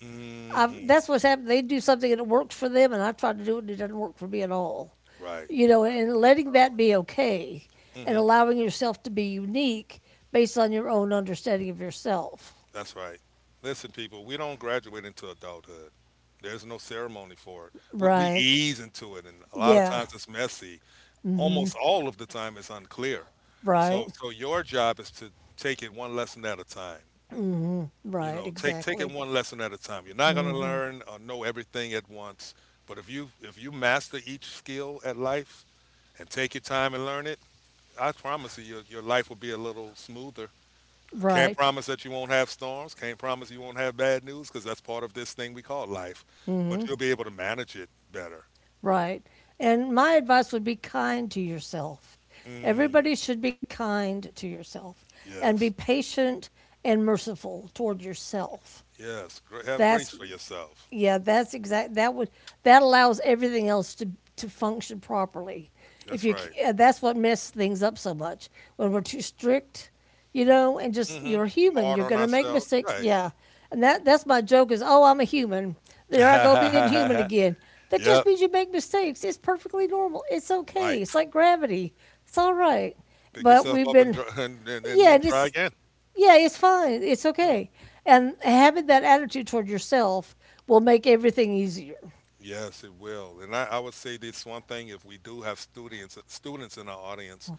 A: Mm-hmm.
B: That's what's happened. They do something and it works for them, and I try to do it and it doesn't work for me at all,
A: Right.
B: you know, and letting
A: Uh-huh.
B: that be okay and
A: Mm-hmm.
B: allowing yourself to be unique based on your own understanding of yourself.
A: That's right. Listen, people, we don't graduate into adulthood. There's no ceremony for it. We
B: Right.
A: ease into it, and a lot of
B: Yeah.
A: times it's messy. Almost all of the time, it's unclear. So,
B: Right.
A: so your job is to take it one lesson at a time. You
B: Right.
A: know, take it
B: Exactly.
A: one lesson at a time. You're not going to learn or know everything at once, but if you master each skill at life and take your time and learn it, I promise you your life will be a little smoother. I can't
B: Right.
A: promise that you won't have storms, can't promise you won't have bad news, because that's part of this thing we call life, but you'll be able to manage it better.
B: Right. And my advice would be kind to yourself.
A: Mm,
B: Everybody should be kind to yourself and be
A: yes.
B: patient and merciful toward yourself.
A: Yes. Have
B: That's
A: grace for yourself.
B: Yeah, that's exact. That allows everything else to function properly. If
A: That's
B: you,
A: right.
B: that's what messes things up so much when we're too strict, you know, and just
A: Hmm.
B: you're human.
A: Hard
B: You're
A: on
B: gonna make
A: ourselves,
B: mistakes.
A: right.
B: Yeah, and that's my joke is, oh, I'm a human. There I go being human again. That just
A: Yep.
B: means you make mistakes. It's perfectly normal. It's okay.
A: Right.
B: It's like gravity. It's all right.
A: Pick
B: But
A: yourself
B: we've
A: up and
B: been
A: and, and, and,
B: yeah,
A: and
B: and
A: try
B: it's
A: again.
B: yeah, it's fine. It's
A: Yeah.
B: okay. And having that attitude toward yourself will make everything easier.
A: Yes, it will. And I would say this one thing: if we do have students in our audience,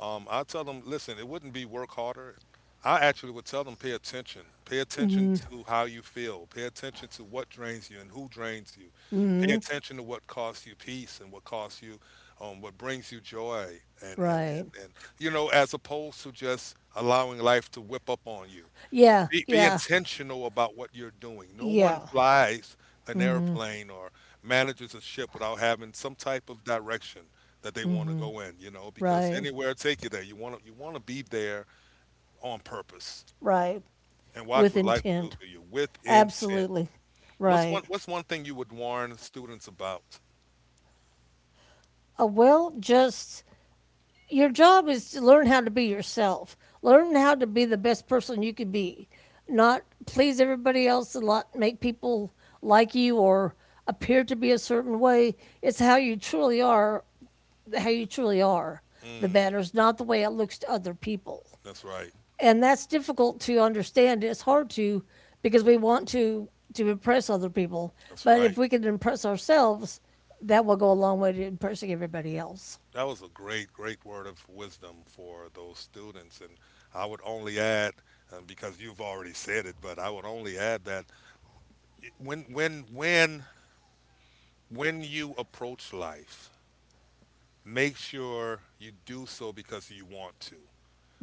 A: I tell them, listen, it wouldn't be work harder. I actually would tell them, pay attention. Pay attention to how you feel. Pay attention to what drains you and who drains you. Pay attention to what costs you peace and what costs you, what brings you joy.
B: Right.
A: You know, as opposed to just allowing life to whip up on you.
B: Yeah,
A: Be
B: yeah,
A: intentional about what you're doing. No one
B: yeah.
A: flies an airplane or manages a ship without having some type of direction that they want to go in, you know, because
B: Right,
A: anywhere take you there. You want to be there on purpose
B: right.
A: and watch
B: With
A: what life will do
B: intent.
A: for you with intent.
B: Absolutely.
A: What's
B: Right.
A: one what's one thing you would warn students about?
B: Well, just, your job is to learn how to be yourself, learn how to be the best person you could be, not please everybody else and lot, make people like you or appear to be a certain way. It's how you truly are, how you truly are, the
A: Mm,
B: matters, not the way it looks to other people.
A: that's right.
B: And that's difficult to understand. It's hard to because we want to impress other people,
A: That's
B: but if
A: right.
B: we can impress ourselves, that will go a long way to impressing everybody else.
A: That was a great, great word of wisdom for those students. And I would only add, because you've already said it, but I would only add that when when when when you approach life, make sure you do so because you want to.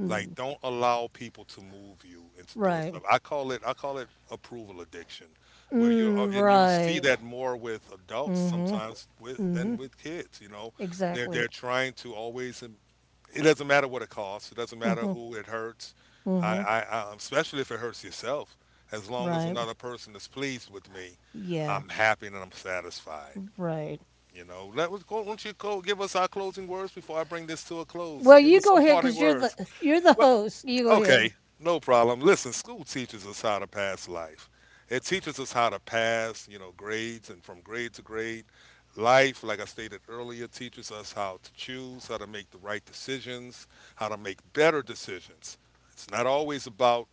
A: Like don't allow people to move you into doing stuff.
B: Right.
A: I call it approval addiction, where you're
B: Mm,
A: and you'll see
B: right.
A: that more with adults sometimes with than with kids. You know, they're
B: Exactly.
A: they're trying to always it doesn't matter what it costs. It doesn't matter who it hurts. I especially if it hurts yourself. As long as
B: Right.
A: another person is pleased with me,
B: Yeah.
A: I'm happy and I'm satisfied.
B: Right.
A: You know, let us go. Won't you go give us our closing words before I bring this to a close?
B: Well,
A: Give
B: you
A: us
B: go
A: some
B: ahead
A: parting
B: because
A: words.
B: you're the
A: Well,
B: host. You go
A: Okay,
B: ahead.
A: no problem. Listen, school teaches us how to pass life. It teaches us how to pass, you know, grades and from grade to grade. Life, like I stated earlier, teaches us how to choose, how to make the right decisions, how to make better decisions. It's not always about,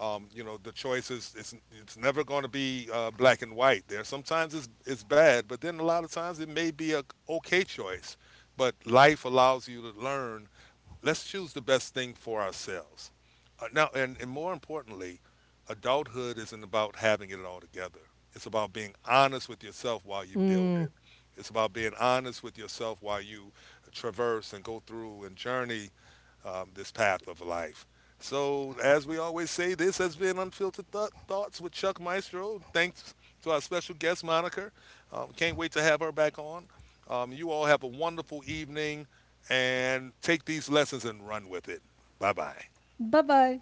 A: you know, the choices. It's never going to be black and white. There, sometimes it's bad, but then a lot of times it may be a okay choice. But life allows you to learn let's choose the best thing for ourselves. Now, and more importantly, adulthood isn't about having it all together. It's about being honest with yourself while you build
B: Mm.
A: it. It's about being honest with yourself while you traverse and go through and journey this path of life. So, as we always say, this has been Unfiltered Thoughts with Chuck Maestro. Thanks to our special guest, Monica. Can't wait to have her back on. You all have a wonderful evening and take these lessons and run with it. Bye bye.
B: Bye bye.